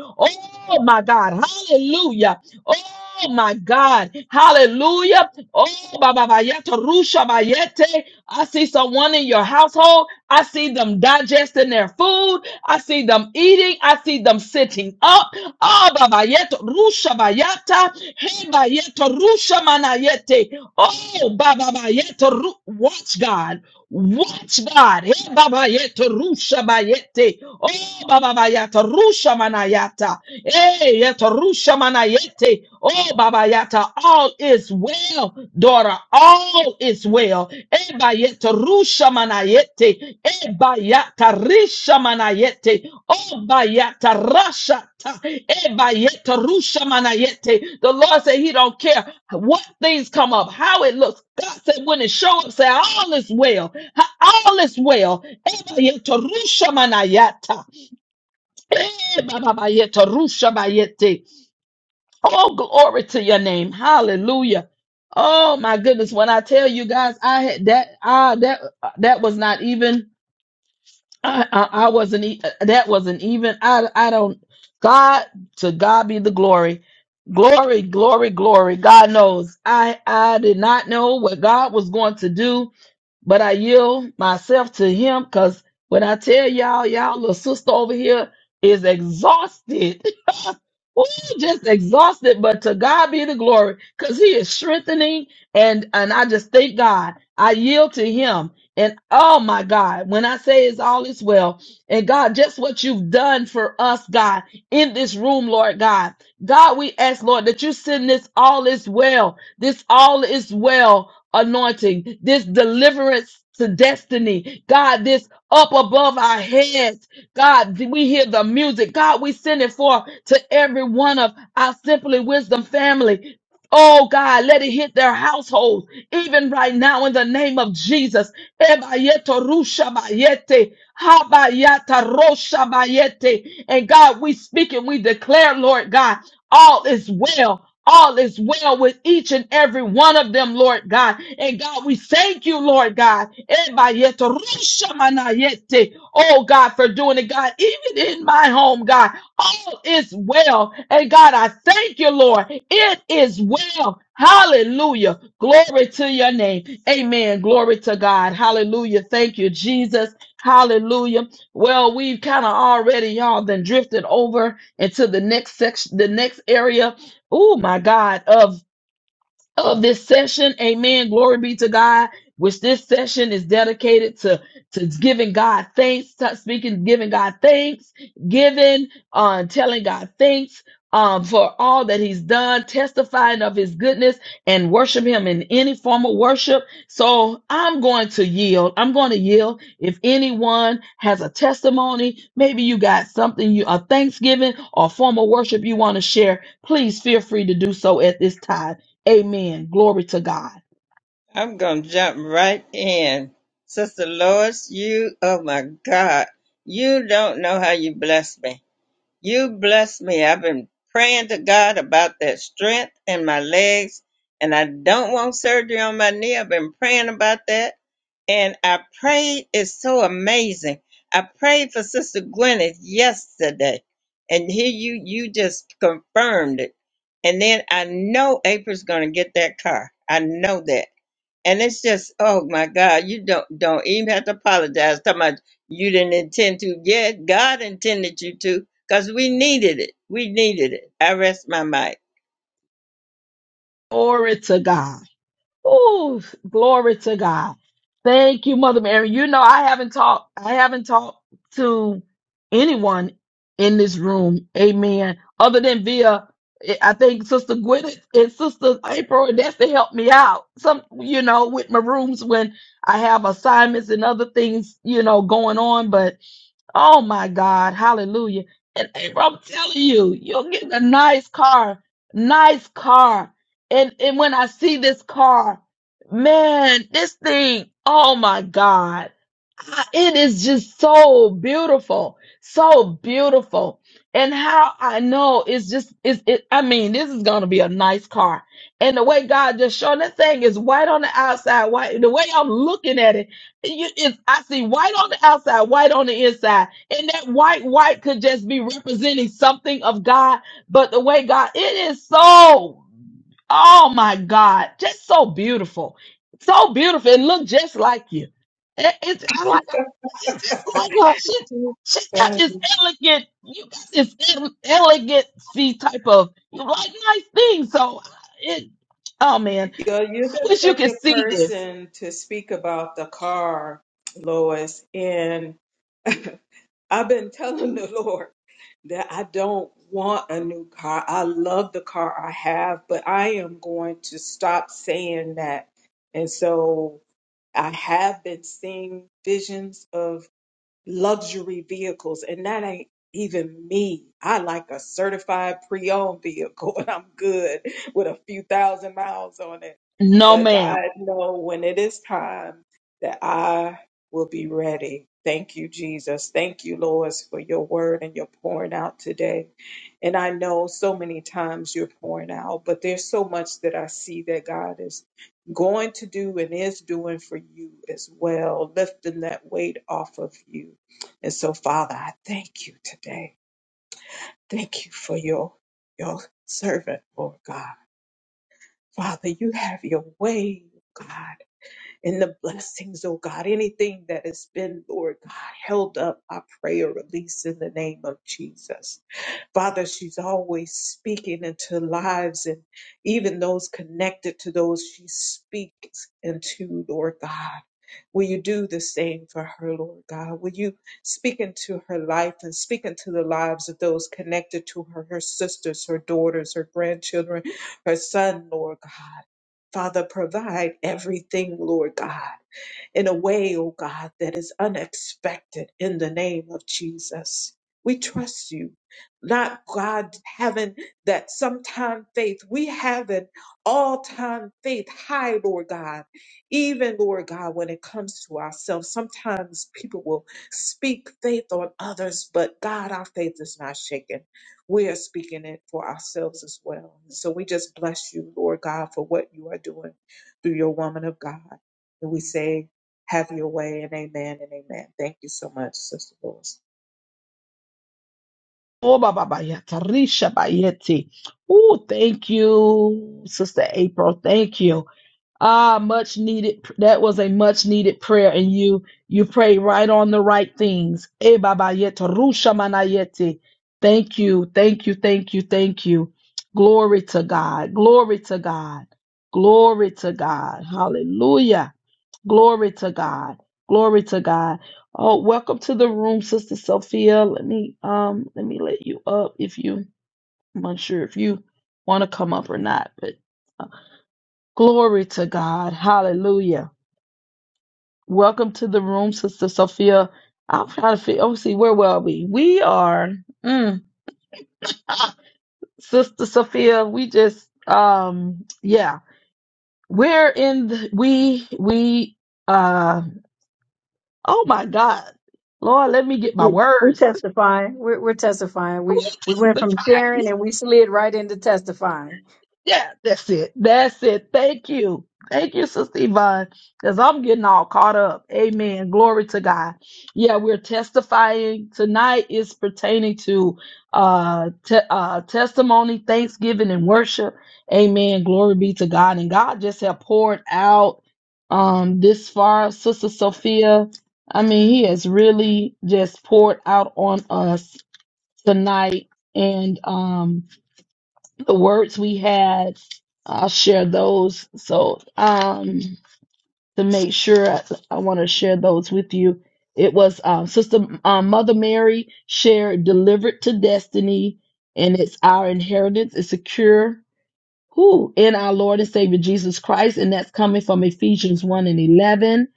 Speaker 1: Oh my God, hallelujah. Oh. Oh my God. Hallelujah. Oh, Baba Bayeta, Rusha Bayete. I see someone in your household. I see them digesting their food. I see them eating. I see them sitting up. Oh, Baba Yeto, Rusha Bayata. Hey, Bayeto, Rusha Manayete. Oh, Baba Bayeta, Ru- watch God. What God? Eh, Baba yeto rusha bayete. Oh Baba bayata rusha manayata. Eh yeto rusha manayete. Oh Baba yata. All is well, daughter. All is well. Eh bayete rusha manayete. Eh, Yatarisha manayete, oba yatarasha ta, eba yatarusha manayete. The Lord said He don't care what things come up, how it looks. God said when it show up, say all is well, Ha- all is well. Eba yatarusha manayata, eba baba yatarusha bayete. Oh glory to your name, Hallelujah. Oh my goodness, when I tell you guys, I had that, ah, that, that was not even. I, I, I wasn't. e- uh, That wasn't even. I. I don't. God to God be the glory, glory, glory, glory. God knows. I. I did not know what God was going to do, but I yield myself to Him because when I tell y'all, y'all little sister over here is exhausted. Ooh, just exhausted, but to God be the glory, because He is strengthening, and and I just thank God. I yield to Him, and oh my God, when I say it's all is well, and God, just what you've done for us, God, in this room, Lord God, God, we ask, Lord, that you send this all is well, this all is well anointing, this deliverance to destiny, God, this up above our heads. God, we hear the music. God, we send it forth to every one of our Simply Wisdom family. Oh God, let it hit their households, even right now in the name of Jesus. Ebayeto rusha bayete, habayata rosha bayete. And God, we speak and we declare, Lord God, all is well all is well with each and every one of them, Lord God. And God, we thank you, Lord God. Ebayete, rushamanayete. Oh God, for doing it, God, even in my home, God, all is well. And God, I thank you, Lord. It is well. Hallelujah. Glory to your name. Amen. Glory to God. Hallelujah. Thank you, Jesus. Hallelujah. Well, we've kind of already, y'all, then drifted over into the next section, the next area Oh my God, of of this session. Amen. Glory be to God. Which this session is dedicated to to giving God thanks, to speaking, giving God thanks, giving, uh, telling God thanks um, for all that He's done, testifying of His goodness, and worship Him in any form of worship. So I'm going to yield. I'm going to yield. If anyone has a testimony, maybe you got something, you a Thanksgiving or form of worship you want to share, please feel free to do so at this time. Amen. Glory to God.
Speaker 2: I'm going to jump right in. Sister Lois, you, oh my God, you don't know how you blessed me. You bless me. I've been praying to God about that strength in my legs, and I don't want surgery on my knee. I've been praying about that. And I prayed, it's so amazing. I prayed for Sister Gwyneth yesterday, and here you you just confirmed it. And then I know April's gonna get that car. I know that. And it's just, oh my God, you don't don't even have to apologize. Talking about you didn't intend to. Yeah, God intended you to, because we needed it. We needed it. I rest my mic.
Speaker 1: Glory to God. Oh, glory to God. Thank you, Mother Mary. You know, I haven't talked, I haven't talked to anyone in this room. Amen. Other than via, I think Sister Gwyneth and Sister April, and that's to help me out. Some, you know, with my rooms when I have assignments and other things, you know, going on. But Oh my God, hallelujah. And April, I'm telling you, you're getting a nice car, nice car. And and when I see this car, man, this thing, oh my God. I- It is just so beautiful, so beautiful. And how I know it's just it's it I mean, this is gonna be a nice car. And the way God just showing that thing is white on the outside, white the way I'm looking at it you- it's, I see white on the outside, white on the inside. And that white, white could just be representing something of God. But the way God, it is so, oh my God, just so beautiful. So beautiful. It looked just like you. It, it's I like, she's just like her. She,
Speaker 4: You're,
Speaker 1: she got this elegant, you got this ele- elegancy type of, you like nice things. So it, oh man,
Speaker 4: you're
Speaker 1: I
Speaker 4: the
Speaker 1: wish you could
Speaker 4: second
Speaker 1: see this.
Speaker 4: person to speak about the car, Lois, and I've been telling the Lord that I don't want a new car. I love the car I have, but I am going to stop saying that. And so I have been seeing visions of luxury vehicles, and that ain't even me. I like a certified pre-owned vehicle, and I'm good with a few thousand miles on it.
Speaker 1: No,
Speaker 4: But
Speaker 1: ma'am.
Speaker 4: God know when it is time that I will be ready. Thank you, Jesus. Thank you, Lord, for your word and your pouring out today. And I know so many times you're pouring out, but there's so much that I see that God is going to do and is doing for you as well, lifting that weight off of you. And so, Father, I thank you today. Thank you for your, your servant, Lord God. Father, you have your way, God, in the blessings, oh God. Anything that has been, Lord God, held up, I pray a release in the name of Jesus. Father, she's always speaking into lives and even those connected to those she speaks into, Lord God. Will you do the same for her, Lord God? Will you speak into her life and speak into the lives of those connected to her, her sisters, her daughters, her grandchildren, her son, Lord God? Father, provide everything, Lord God in a way, oh God, that is unexpected in the name of Jesus. We trust you, not God having that sometime faith. We have an all time faith high, Lord God. Even, Lord God, when it comes to ourselves, sometimes people will speak faith on others, but God, our faith is not shaken. We are speaking it for ourselves as well. So we just bless you, Lord God, for what you are doing through your woman of God. And we say, have your way and amen and amen. Thank you so much, Sister Lewis.
Speaker 1: Oh, ba, ba, ba, ya, tarisha, ba, yeti. Ooh, thank you, Sister April. Thank you. Ah, much needed. That was a much needed prayer, and you you pray right on the right things. Eh, ba, ba, ya, tarusha, mana, yeti. Thank you, thank you, thank you, thank you. Glory to God. Glory to God. Glory to God. Hallelujah. Glory to God. Glory to God. Oh, welcome to the room, Sister Sophia. Let me um let me let you up if you I'm unsure if you want to come up or not, but uh, glory to God. Hallelujah. Welcome to the room, Sister Sophia. I'm trying to figure oh see where were we? We are mm, Sister Sophia, we just um yeah. We're in the, we we uh oh my God. Lord, let me get my
Speaker 3: we, we
Speaker 1: words.
Speaker 3: testifying. We're, we're testifying.
Speaker 1: We
Speaker 3: We we went from
Speaker 1: testify.
Speaker 3: sharing and we slid right into testifying.
Speaker 1: Yeah, that's it. That's it. Thank you. Thank you, Sister Yvonne, because I'm getting all caught up. Amen. Glory to God. Yeah, we're testifying. Tonight is pertaining to uh, te- uh, testimony, thanksgiving, and worship. Amen. Glory be to God. And God just have poured out um, this far. Sister Sophia, I mean, He has really just poured out on us tonight. And, um, the words we had. I'll share those. So, um, to make sure, I, I want to share those with you. It was um, Sister um, Mother Mary shared, delivered to destiny, and it's our inheritance. It's secure who in our Lord and Savior Jesus Christ, and that's coming from Ephesians 1 and 11.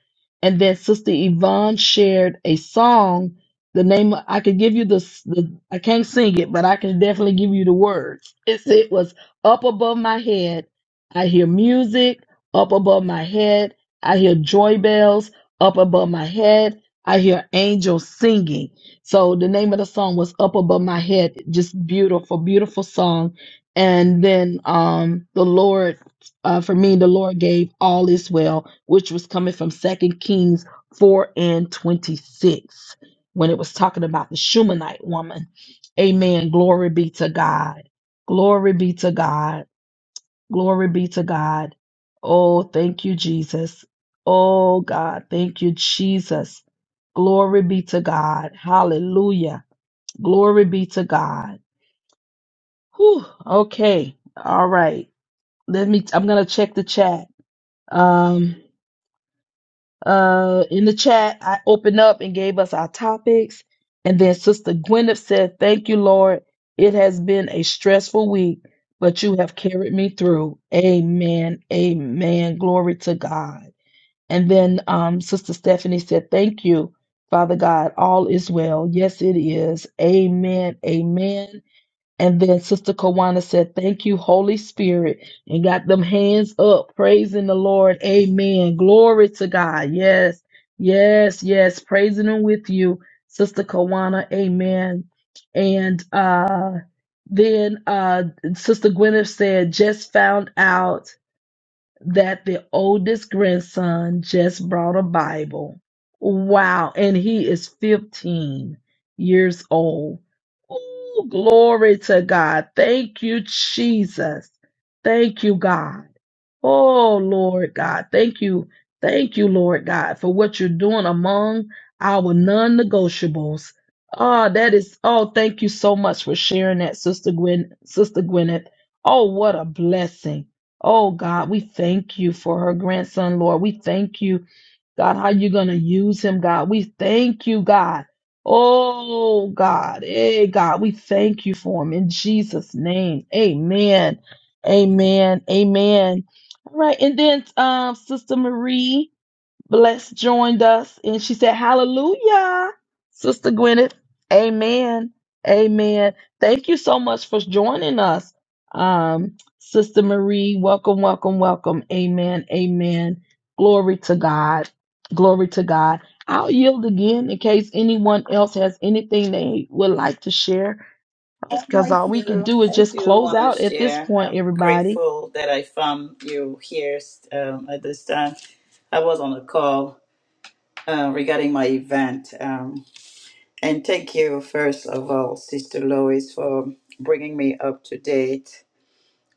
Speaker 1: And then Sister Yvonne shared a song. The name I could give you the, the I can't sing it, but I can definitely give you the words. It's, it was up above my head. I hear music up above my head. I hear joy bells up above my head. I hear angels singing. So the name of the song was up above my head. Just beautiful, beautiful song and then um the lord uh for me the lord gave all is well which was coming from second kings 4 and 26 when it was talking about the shumanite woman amen glory be to god glory be to god glory be to god oh thank you jesus oh god thank you jesus glory be to god hallelujah glory be to god Whew. okay all right let me, I'm gonna check the chat. Um, uh, in the chat, I opened up and gave us our topics, and then Sister Gwyneth said, "Thank you, Lord. It has been a stressful week, but you have carried me through." Amen. Amen. Glory to God. And then um, Sister Stephanie said, "Thank you, Father God. All is well. Yes, it is. Amen. Amen." And then Sister Kawana said, Thank you, Holy Spirit, and got them hands up, praising the Lord. Amen. Glory to God. Yes, yes, yes. Praising Him with you, Sister Kawana. Amen. And uh, then uh, Sister Gwyneth said, Just found out that the oldest grandson just brought a Bible. Wow. And he is 15 years old. Ooh, glory to God. Thank you, Jesus. Thank you, God. Oh, Lord God, thank you. Thank you, Lord God, for what you're doing among our non negotiables. Ah, that is, oh, thank you so much for sharing that, Sister Gwen, Sister Gwyneth. Oh, what a blessing. Oh, God, we thank you for her grandson, Lord. We thank you God, how you going to use him, God. We thank you, God. Oh, God. Hey, God, we thank you for him in Jesus' name. Amen. Amen. Amen. All right. And then, um, Sister Marie. Bless joined us and she said, Hallelujah. Sister Gwyneth, amen. Amen. Thank you so much for joining us. Um, Sister Marie, welcome, welcome, welcome. Amen. Amen. Glory to God. Glory to God. I'll yield again in case anyone else has anything they would like to share.
Speaker 5: Um,
Speaker 1: Because
Speaker 5: I
Speaker 1: all we can
Speaker 5: do.
Speaker 1: do is
Speaker 5: I
Speaker 1: just
Speaker 5: do
Speaker 1: close
Speaker 5: want to
Speaker 1: out at this
Speaker 5: share.
Speaker 1: point,
Speaker 5: I'm
Speaker 1: everybody.
Speaker 5: grateful that I found you here um, at this time. I was on a call uh, regarding my event. Um, and thank you, first of all, Sister Lois, for bringing me up to date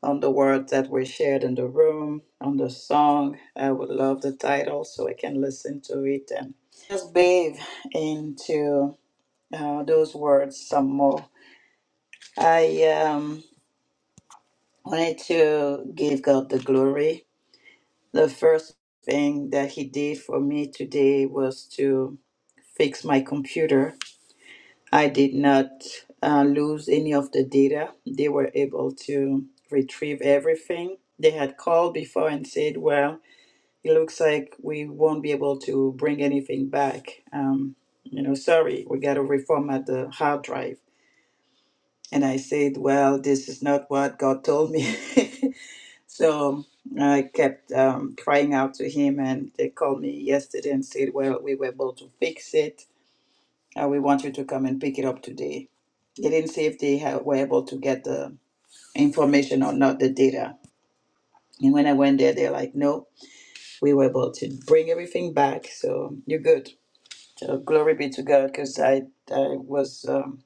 Speaker 5: on the words that were shared in the room, on the song. I would love the title so I can listen to it and just bathe into uh, those words some more. I. Um, wanted to give God the glory. The first thing that He did for me today was to fix my computer. I did not uh, lose any of the data. They were able to retrieve everything. They had called before and said, Well, it looks like we won't be able to bring anything back. Um, you know, sorry, we got to reformat the hard drive. And I said, Well, this is not what God told me. So I kept um, crying out to him, and they called me yesterday and said, Well, we were able to fix it. Uh, we want you to come and pick it up today. They didn't say if they ha- were able to get the information or not, the data. And when I went there, they're like, No, we were able to bring everything back. So you're good. So glory be to God, because I, I was. Um,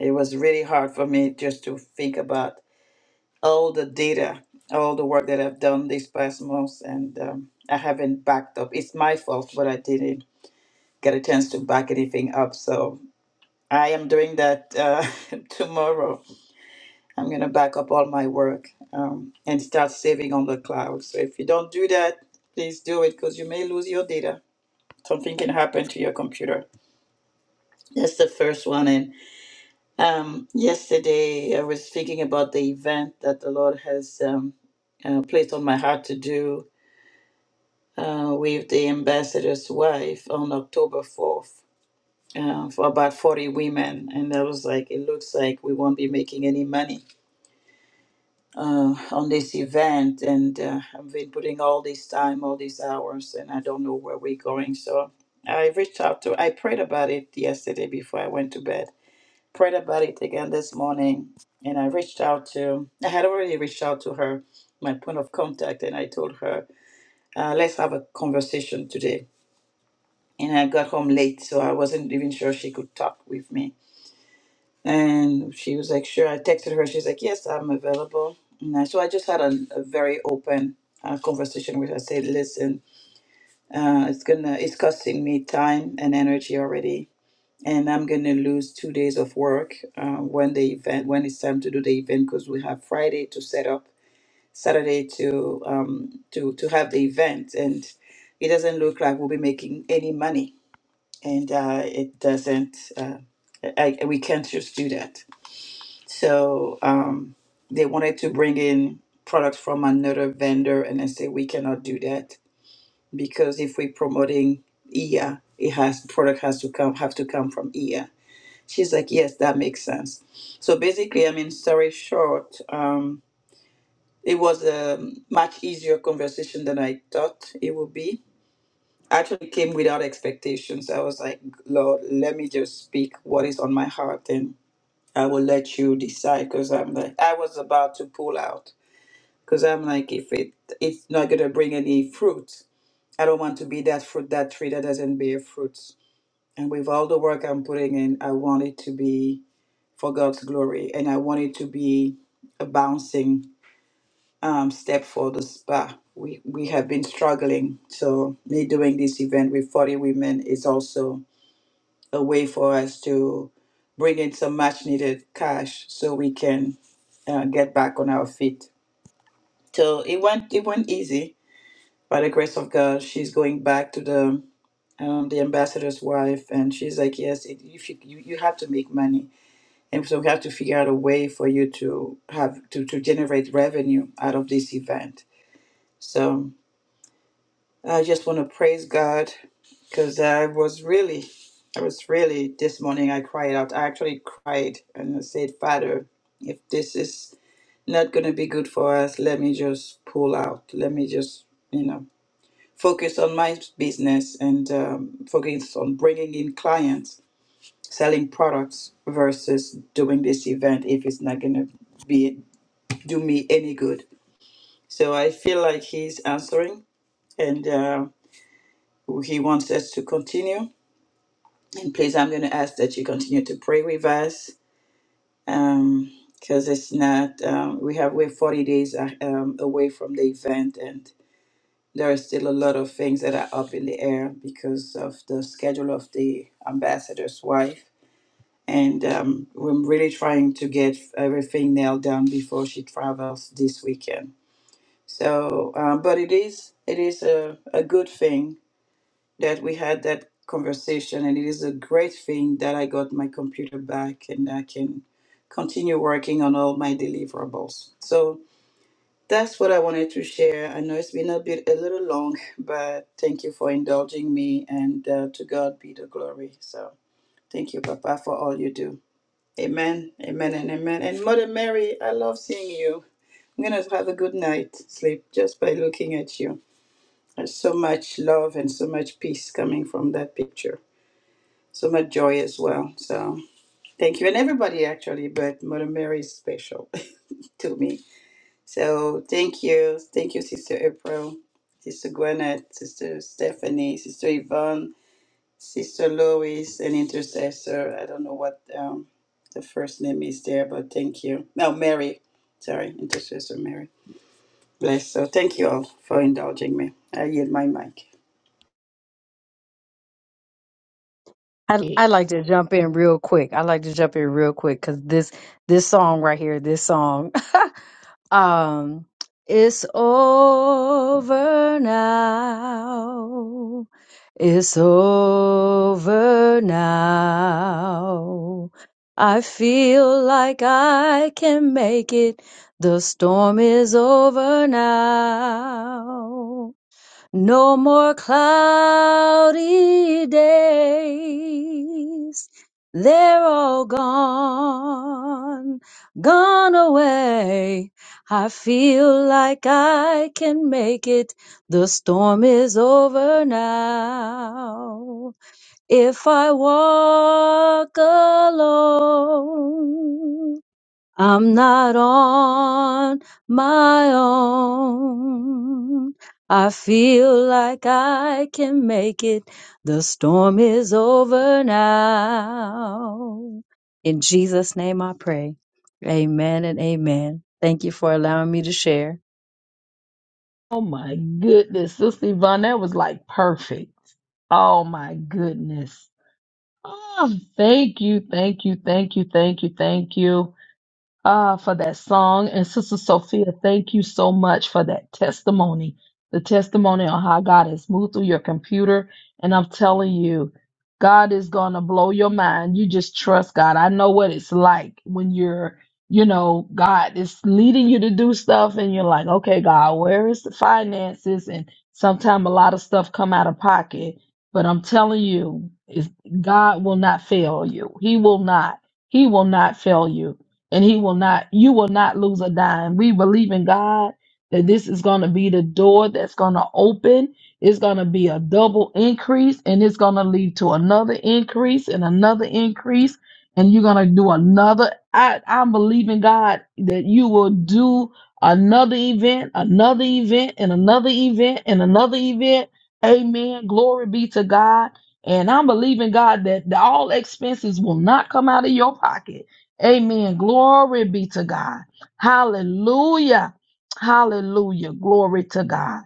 Speaker 5: it was really hard for me just to think about all the data, all the work that I've done these past months, and um, I haven't backed up. It's my fault, but I didn't get a chance to back anything up. So I am doing that uh, tomorrow. I'm going to back up all my work um, and start saving on the cloud. So if you don't do that, please do it because you may lose your data. Something can happen to your computer. That's the first one. And um, yesterday I was thinking about the event that the Lord has um, uh, placed on my heart to do uh, with the ambassador's wife on October 4th uh, for about 40 women. And I was like, it looks like we won't be making any money uh, on this event. And uh, I've been putting all this time, all these hours, and I don't know where we're going. So I reached out to, I prayed about it yesterday before I went to bed. Prayed about it again this morning, and I reached out to. I had already reached out to her, my point of contact, and I told her, uh, "Let's have a conversation today." and I got home late, so I wasn't even sure she could talk with me. And she was like, "Sure." I texted her. She's like, "Yes, I'm available." And I, so I just had a, a very open uh, conversation with her. I said, "Listen, uh, it's gonna, it's costing me time and energy already, and I'm gonna lose two days of work uh, when the event, when it's time to do the event, because we have Friday to set up, Saturday to um to to have the event, and it doesn't look like we'll be making any money." and uh, it doesn't. Uh, I, I- we can't just do that. So um, they wanted to bring in products from another vendor, and I said we cannot do that because if we're promoting EA, it has product has to come have to come from EA. She's like, yes, that makes sense. So basically, I mean, story short, um, it was a much easier conversation than I thought it would be actually came without expectations. I was like, Lord, let me just speak what is on my heart, and I will let you decide. Because I'm like, I was about to pull out. Because I'm like, if it it's not gonna bring any fruit, I don't want to be that fruit that tree that doesn't bear fruit. And with all the work I'm putting in, I want it to be for God's glory, and I want it to be a bouncing um, step for the spa. We we have been struggling, so me doing this event with 40 women is also a way for us to bring in some much needed cash so we can uh, get back on our feet. So it went it went easy by the grace of God. She's going back to the um, the ambassador's wife, and she's like, "Yes, it, if you, you you have to make money, and so we have to figure out a way for you to have to to generate revenue out of this event." So I just want to praise God because I was really, I was really, this morning I cried out. I actually cried and I said, Father, if this is not going to be good for us, let me just pull out. Let me just, you know, focus on my business and um, focus on bringing in clients, selling products versus doing this event if it's not going to be do me any good. So I feel like He's answering and uh, He wants us to continue And please, I'm going to ask that you continue to pray with us um, because it's not, um, we have, we're 40 days uh, um, away from the event and there are still a lot of things that are up in the air because of the schedule of the ambassador's wife. And um, we're really trying to get everything nailed down before she travels this weekend. So, um, but it is, it is a, a good thing that we had that conversation and it is a great thing that I got my computer back and I can continue working on all my deliverables. So that's what I wanted to share. I know it's been a bit a little long, but thank you for indulging me and uh, to God be the glory. So thank you Papa for all you do. Amen. Amen and amen. And Mother Mary, I love seeing you. I'm going to have a good night sleep just by looking at you. There's so much love and so much peace coming from that picture. So much joy as well. So thank you. And everybody actually, but Mother Mary is special to me. So thank you. Thank you, Sister April, Sister Gwyneth, Sister Stephanie, Sister Yvonne, Sister Lois, and Intercessor. I don't know what um, the first name is there, but thank you. No, Mary. Sorry, Intercessor Mary. Bless. So thank you all for indulging me. I yield my mic.
Speaker 3: I I like to jump in real quick. I like to jump in real quick because this this song right here, this song. Um, it's over now. It's over now. I feel like I can make it. The storm is over now. No more cloudy days. They're all gone, gone away. I feel like I can make it. The storm is over now. If I walk alone, I'm not on my own. I feel like I can make it. The storm is over now. In Jesus' name I pray. Amen and amen. Thank you for allowing me to share.
Speaker 1: Oh my goodness, Sister Yvonne, that was like perfect. Oh my goodness. Oh, thank you, thank you, thank you, thank you, thank you. Ah, for that song. And Sister Sophia, thank you so much for that testimony. The testimony on how God has moved through your computer. And I'm telling you, God is going to blow your mind. You just trust God. I know what it's like when you're, you know, God is leading you to do stuff and you're like, okay, God, where is the finances? And sometimes a lot of stuff come out of pocket. But I'm telling you, is God will not fail you. He will not. He will not fail you and he will not you will not lose a dime we believe in god that this is going to be the door that's going to open it's going to be a double increase and it's going to lead to another increase and another increase and you're going to do another i i'm believing god that you will do another event another event and another event and another event amen glory be to god and i'm believing god that all expenses will not come out of your pocket Amen. Glory be to God. Hallelujah. Hallelujah. Glory to God.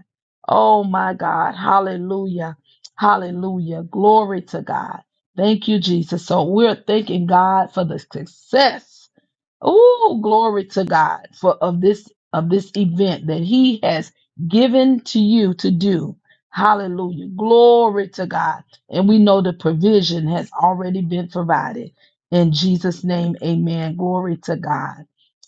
Speaker 1: Oh my God. Hallelujah. Hallelujah. Glory to God. Thank you, Jesus. So we're thanking God for the success. Oh, glory to God for of this of this event that He has given to you to do. Hallelujah. Glory to God. And we know the provision has already been provided. In Jesus' name, amen. Glory to God.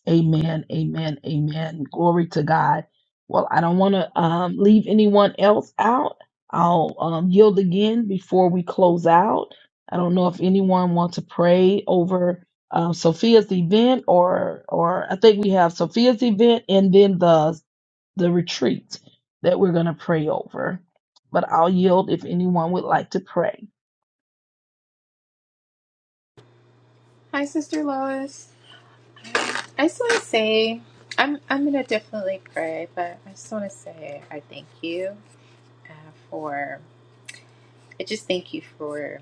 Speaker 1: Amen. Amen. Amen. Glory to God. Well, I don't want to um, leave anyone else out. I'll um, yield again before we close out. I don't know if anyone wants to pray over um, Sophia's event, or or I think we have Sophia's event and then the the retreat that we're going to pray over. But I'll yield if anyone would like to pray.
Speaker 6: Hi, Sister Lois. I just want to say, I'm I'm gonna definitely pray, but I just want to say I thank you uh, for. I just thank you for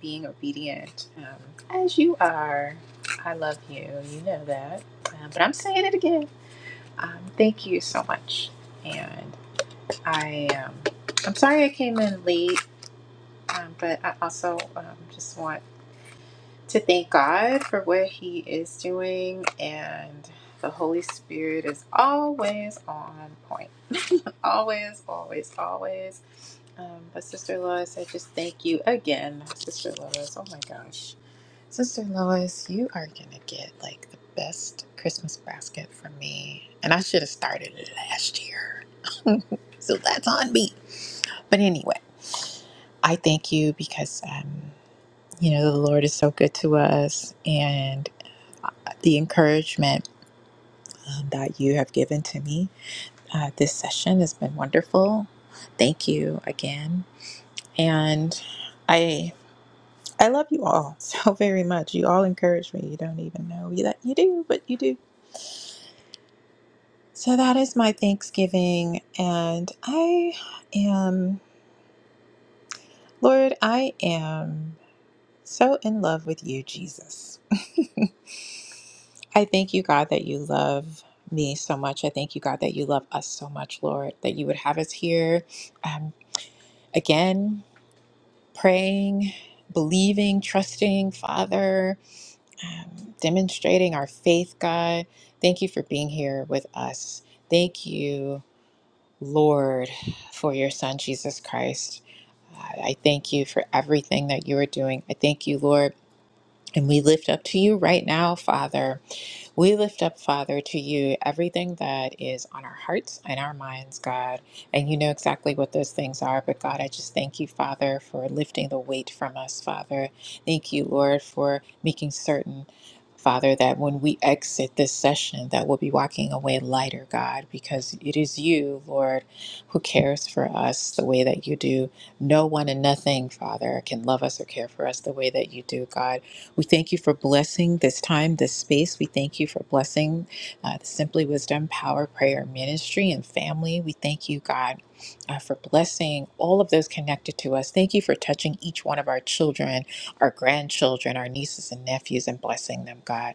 Speaker 6: being obedient um, as you are. I love you. You know that, um, but I'm saying it again. Um, thank you so much, and I um, I'm sorry I came in late, um, but I also um, just want to thank God for what He is doing, and the Holy Spirit is always on point. Always, always, always. Um, but Sister Lois, I just thank you again, Sister Lois. Oh my gosh. Sister Lois, you are going to get like the best Christmas basket from me. And I should have started it last year. so that's on me. But anyway, I thank you because, um, you know, the Lord is so good to us. and the encouragement um, that you have given to me. Uh, this session has been wonderful. Thank you again, and I I love you all so very much. You all encourage me. You don't even know that you do, but you do. So that is my Thanksgiving, and I am Lord. I am so in love with you, Jesus. I thank you, God, that you love me so much. I thank you, God, that you love us so much, Lord, that you would have us here um, again, praying, believing, trusting, Father, um, demonstrating our faith, God. Thank you for being here with us. Thank you, Lord, for your Son, Jesus Christ. Uh, I thank you for everything that you are doing. I thank you, Lord. And we lift up to you right now, Father. We lift up, Father, to you everything that is on our hearts and our minds, God. And you know exactly what those things are. But God, I just thank you, Father, for lifting the weight from us, Father. Thank you, Lord, for making certain. Father, that when we exit this session, that we'll be walking away lighter, God, because it is you, Lord, who cares for us the way that you do. No one and nothing, Father, can love us or care for us the way that you do, God. We thank you for blessing this time, this space. We thank you for blessing uh, the Simply Wisdom Power Prayer Ministry and family. We thank you, God, uh, for blessing all of those connected to us. Thank you for touching each one of our children, our grandchildren, our nieces and nephews, and blessing them, God.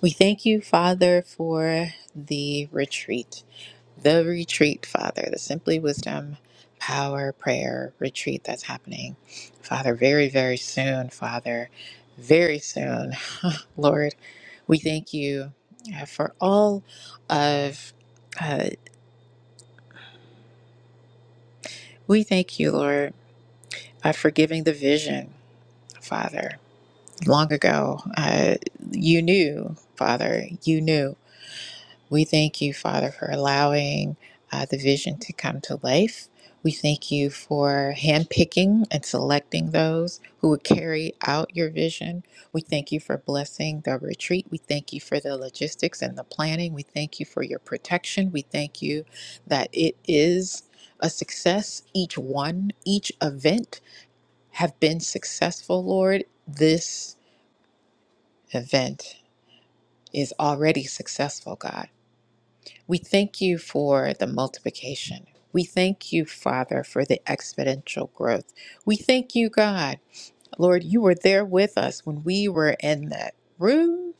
Speaker 6: We thank you, Father, for the retreat the retreat, Father, the Simply Wisdom Power Prayer Retreat that's happening, Father, very, very soon, Father, very soon. Lord, we thank you uh, for all of, uh, we thank you, Lord, uh, for giving the vision, Father. Long ago, uh, you knew, Father, you knew. We thank you, Father, for allowing uh, the vision to come to life. We thank you for handpicking and selecting those who would carry out your vision. We thank you for blessing the retreat. We thank you for the logistics and the planning. We thank you for your protection. We thank you that it is a success. Each one, each event have been successful, Lord. This event is already successful, God. We thank you for the multiplication. We thank you, Father, for the exponential growth. We thank you, God. Lord, you were there with us when we were in that room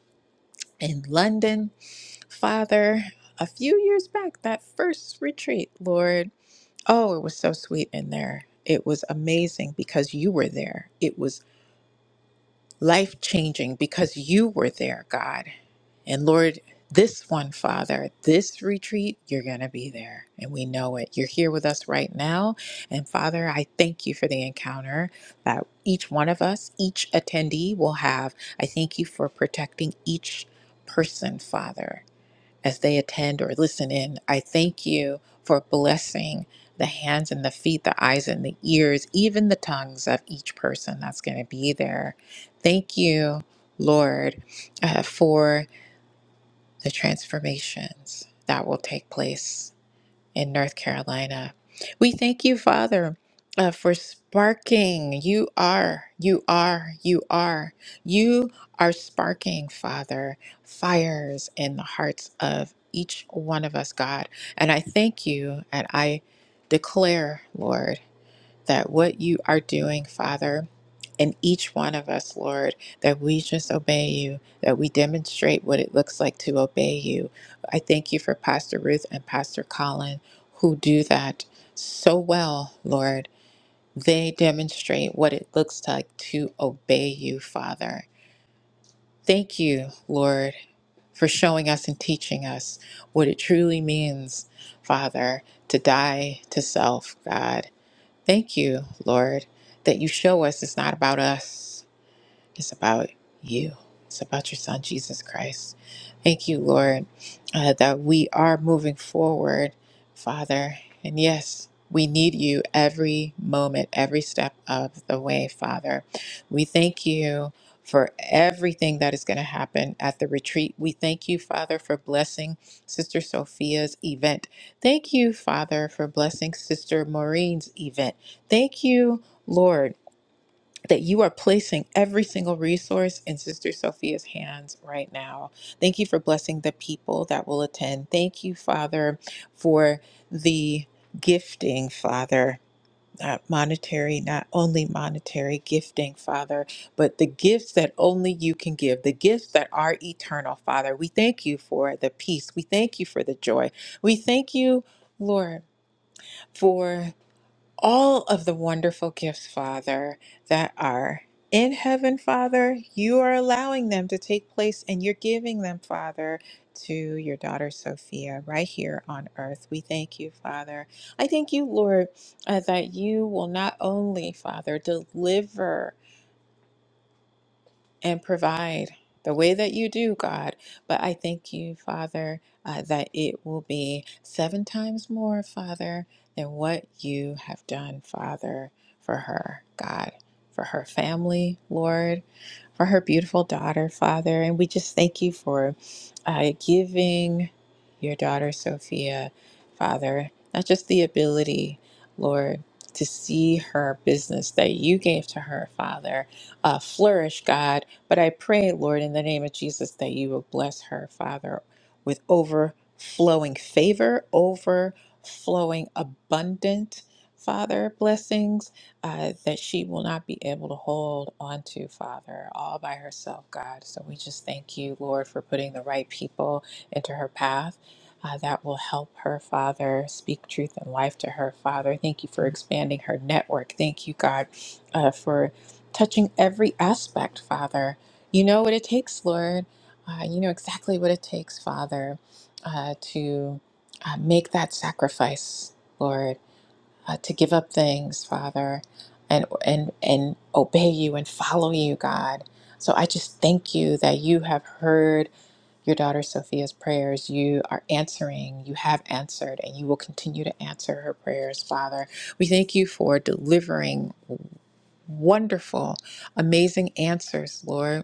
Speaker 6: in London, Father, a few years back, that first retreat, Lord. Oh, it was so sweet in there. It was amazing because you were there. It was life changing because you were there, God. And Lord, this one, Father, this retreat, you're going to be there. And we know it. You're here with us right now. And Father, I thank you for the encounter that each one of us, each attendee will have. I thank you for protecting each person, Father as they attend or listen in. I thank you for blessing the hands and the feet, the eyes and the ears, even the tongues of each person that's going to be there. Thank you, Lord, uh, for the transformations that will take place in North Carolina. We thank you, Father, uh, for sparking. You are, you are, you are. You are sparking, Father, fires in the hearts of each one of us, God. And I thank you and I declare, Lord that what you are doing, Father, in each one of us, Lord, that we just obey you, that we demonstrate what it looks like to obey you. I thank you for Pastor Ruth and Pastor Colin who do that so well, Lord. They demonstrate what it looks like to obey you, Father. Thank you, Lord, for showing us and teaching us what it truly means, Father, to die to self, God Thank you, Lord, that you show us it's not about us. It's about you. It's about your son, Jesus Christ. Thank you, Lord, uh, that we are moving forward, Father. And yes, we need you every moment, every step of the way, Father. We thank you for everything that is going to happen at the retreat. We thank you, Father, for blessing Sister Sophia's event. Thank you, Father, for blessing Sister Maureen's event. Thank you, Lord that you are placing every single resource in Sister Sophia's hands right now. Thank you for blessing the people that will attend. Thank you, Father, for the gifting, Father. Not monetary, not only monetary gifting, Father, but the gifts that only you can give, the gifts that are eternal, Father. We thank you for the peace. We thank you for the joy. We thank you, Lord, for all of the wonderful gifts, Father, that are in heaven, Father. You are allowing them to take place and you're giving them, Father, to your daughter Sophia right here on earth. We thank you, Father. I thank you, Lord, uh, that you will not only, Father, deliver and provide the way that you do, God. But I thank you, Father, uh, that it will be seven times more, Father, than what you have done, Father, for her, God, for her family, Lord, for her beautiful daughter, Father. And we just thank you for uh, giving your daughter, Sophia, Father, not just the ability, Lord. To see her business that you gave to her, Father, uh, flourish, God, but I pray, Lord, in the name of Jesus, that you will bless her, Father, with overflowing favor, overflowing abundant, Father, blessings uh, that she will not be able to hold onto, Father, all by herself, God. So we just thank you, Lord, for putting the right people into her path. Uh, that will help her, Father, speak truth and life to her, Father. Thank you for expanding her network. Thank you, God, uh, for touching every aspect, Father, you know what it takes, Lord. Uh, you know exactly what it takes, Father, uh, to uh, make that sacrifice, Lord, uh, to give up things, Father, and and and obey you and follow you, God. So I just thank you that you have heard your daughter Sophia's prayers. You are answering. You have answered, and you will continue to answer her prayers, Father. We thank you for delivering wonderful, amazing answers, Lord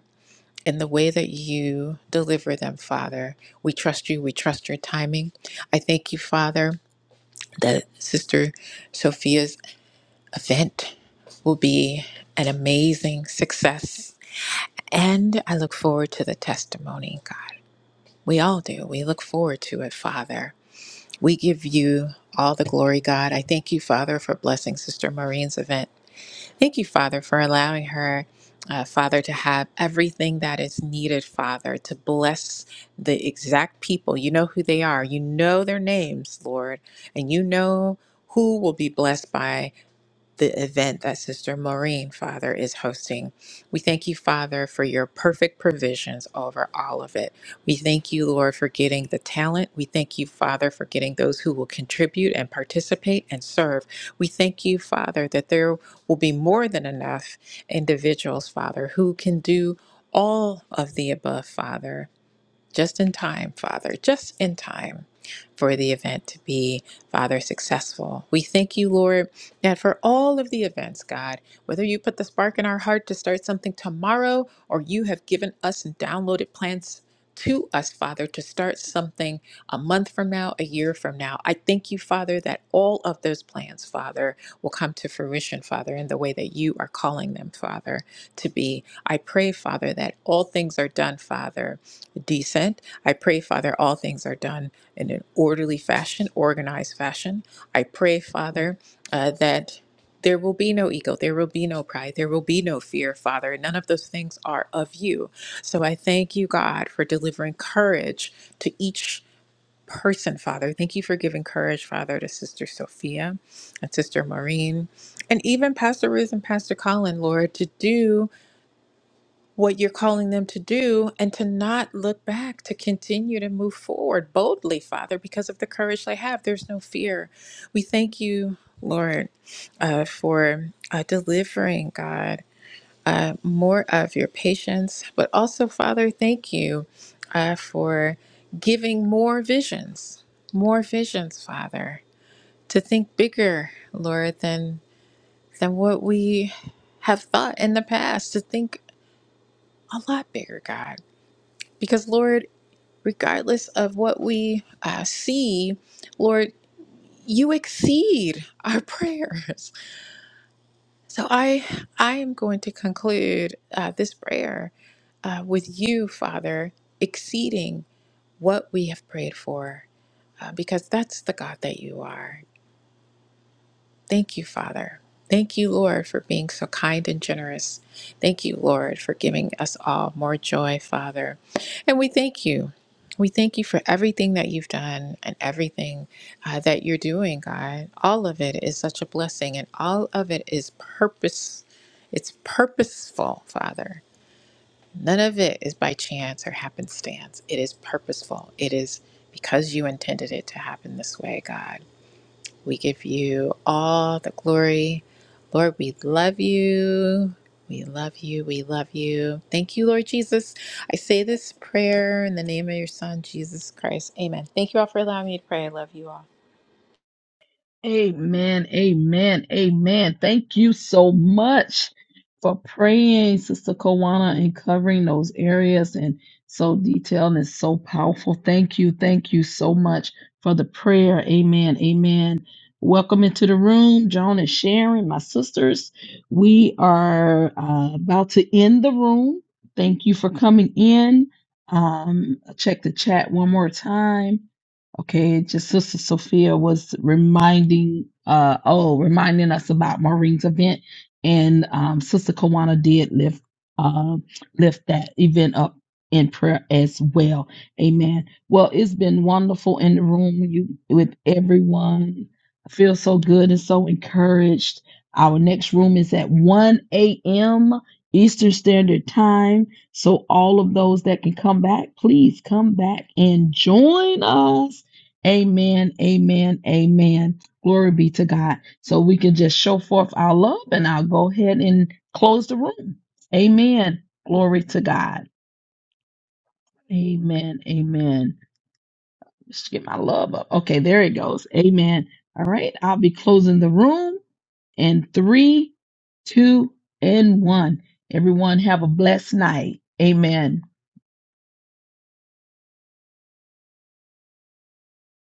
Speaker 6: in the way that you deliver them, Father. We trust you. We trust your timing. I thank you, Father, that Sister Sophia's event will be an amazing success. And I look forward to the testimony, God. We all do. We look forward to it, Father. We give you all the glory, God. I thank you, Father, for blessing Sister Maureen's event. Thank you, Father, for allowing her, uh, Father, to have everything that is needed, Father, to bless the exact people. You know who they are, you know their names, Lord, and you know who will be blessed by the event that Sister Maureen, Father, is hosting. We thank you, Father, for your perfect provisions over all of it. We thank you, Lord, for getting the talent. We thank you, Father, for getting those who will contribute and participate and serve. We thank you, Father, that there will be more than enough individuals, Father, who can do all of the above, Father just in time, Father, just in time for the event to be, Father, successful. We thank you, Lord, that for all of the events, God, whether you put the spark in our heart to start something tomorrow or you have given us and downloaded plans to us, Father, to start something a month from now, a year from now. I thank you, Father, that all of those plans, Father, will come to fruition, Father, in the way that you are calling them, Father, to be. I pray, Father, that all things are done, Father decent. I pray, Father, all things are done in an orderly fashion, organized fashion. I pray, Father, uh, that there will be no ego, there will be no pride, there will be no fear, Father. None of those things are of you. So I thank you, God, for delivering courage to each person, Father. Thank you for giving courage, Father, to Sister Sophia and Sister Maureen, and even Pastor Ruth and Pastor Colin, Lord, to do what you're calling them to do and to not look back, to continue to move forward boldly, Father, because of the courage they have. There's no fear. We thank you, Lord, uh, for uh, delivering, God, uh, more of your patience, but also, Father, thank you uh, for giving more visions, more visions, Father, to think bigger, Lord, than than what we have thought in the past, to think a lot bigger, God. Because, Lord, regardless of what we uh, see, Lord, you exceed our prayers. So I, I am going to conclude uh, this prayer uh, with you, Father, exceeding what we have prayed for, uh, because that's the God that you are. Thank you, Father. Thank you, Lord, for being so kind and generous. Thank you, Lord, for giving us all more joy, Father. And we thank you. We thank you for everything that you've done and everything uh, that you're doing, God. All of it is such a blessing, and all of it is purpose. It's purposeful, Father. None of it is by chance or happenstance. It is purposeful. It is because you intended it to happen this way, God. We give you all the glory. Lord, we love you. We love you. We love you. Thank you, Lord Jesus. I say this prayer in the name of your Son, Jesus Christ. Amen. Thank you all for allowing me to pray. I love you all.
Speaker 1: Amen. Amen. Amen. Thank you so much for praying, Sister Kawana, and covering those areas and so detailed and so powerful. Thank you. Thank you so much for the prayer. Amen. Amen. Welcome into the room, Joan and Sharon, my sisters. We are uh, about to end the room. Thank you for coming in. Um, check the chat one more time Okay, just Sister Sophia was reminding uh oh, reminding us about Maureen's event and um Sister Kawana did lift um lift that event up in prayer as well. Amen. Well, it's been wonderful in the room you with everyone. I feel so good and so encouraged. Our next room is at 1 a.m. Eastern Standard Time. So all of those that can come back, please come back and join us Amen, amen, amen. Glory be to God. So we can just show forth our love and I'll go ahead and close the room. Amen. Glory to God. Amen, amen. Let's get my love up. Okay, there it goes. Amen. All right, I'll be closing the room in three, two, and one. Everyone have a blessed night. Amen.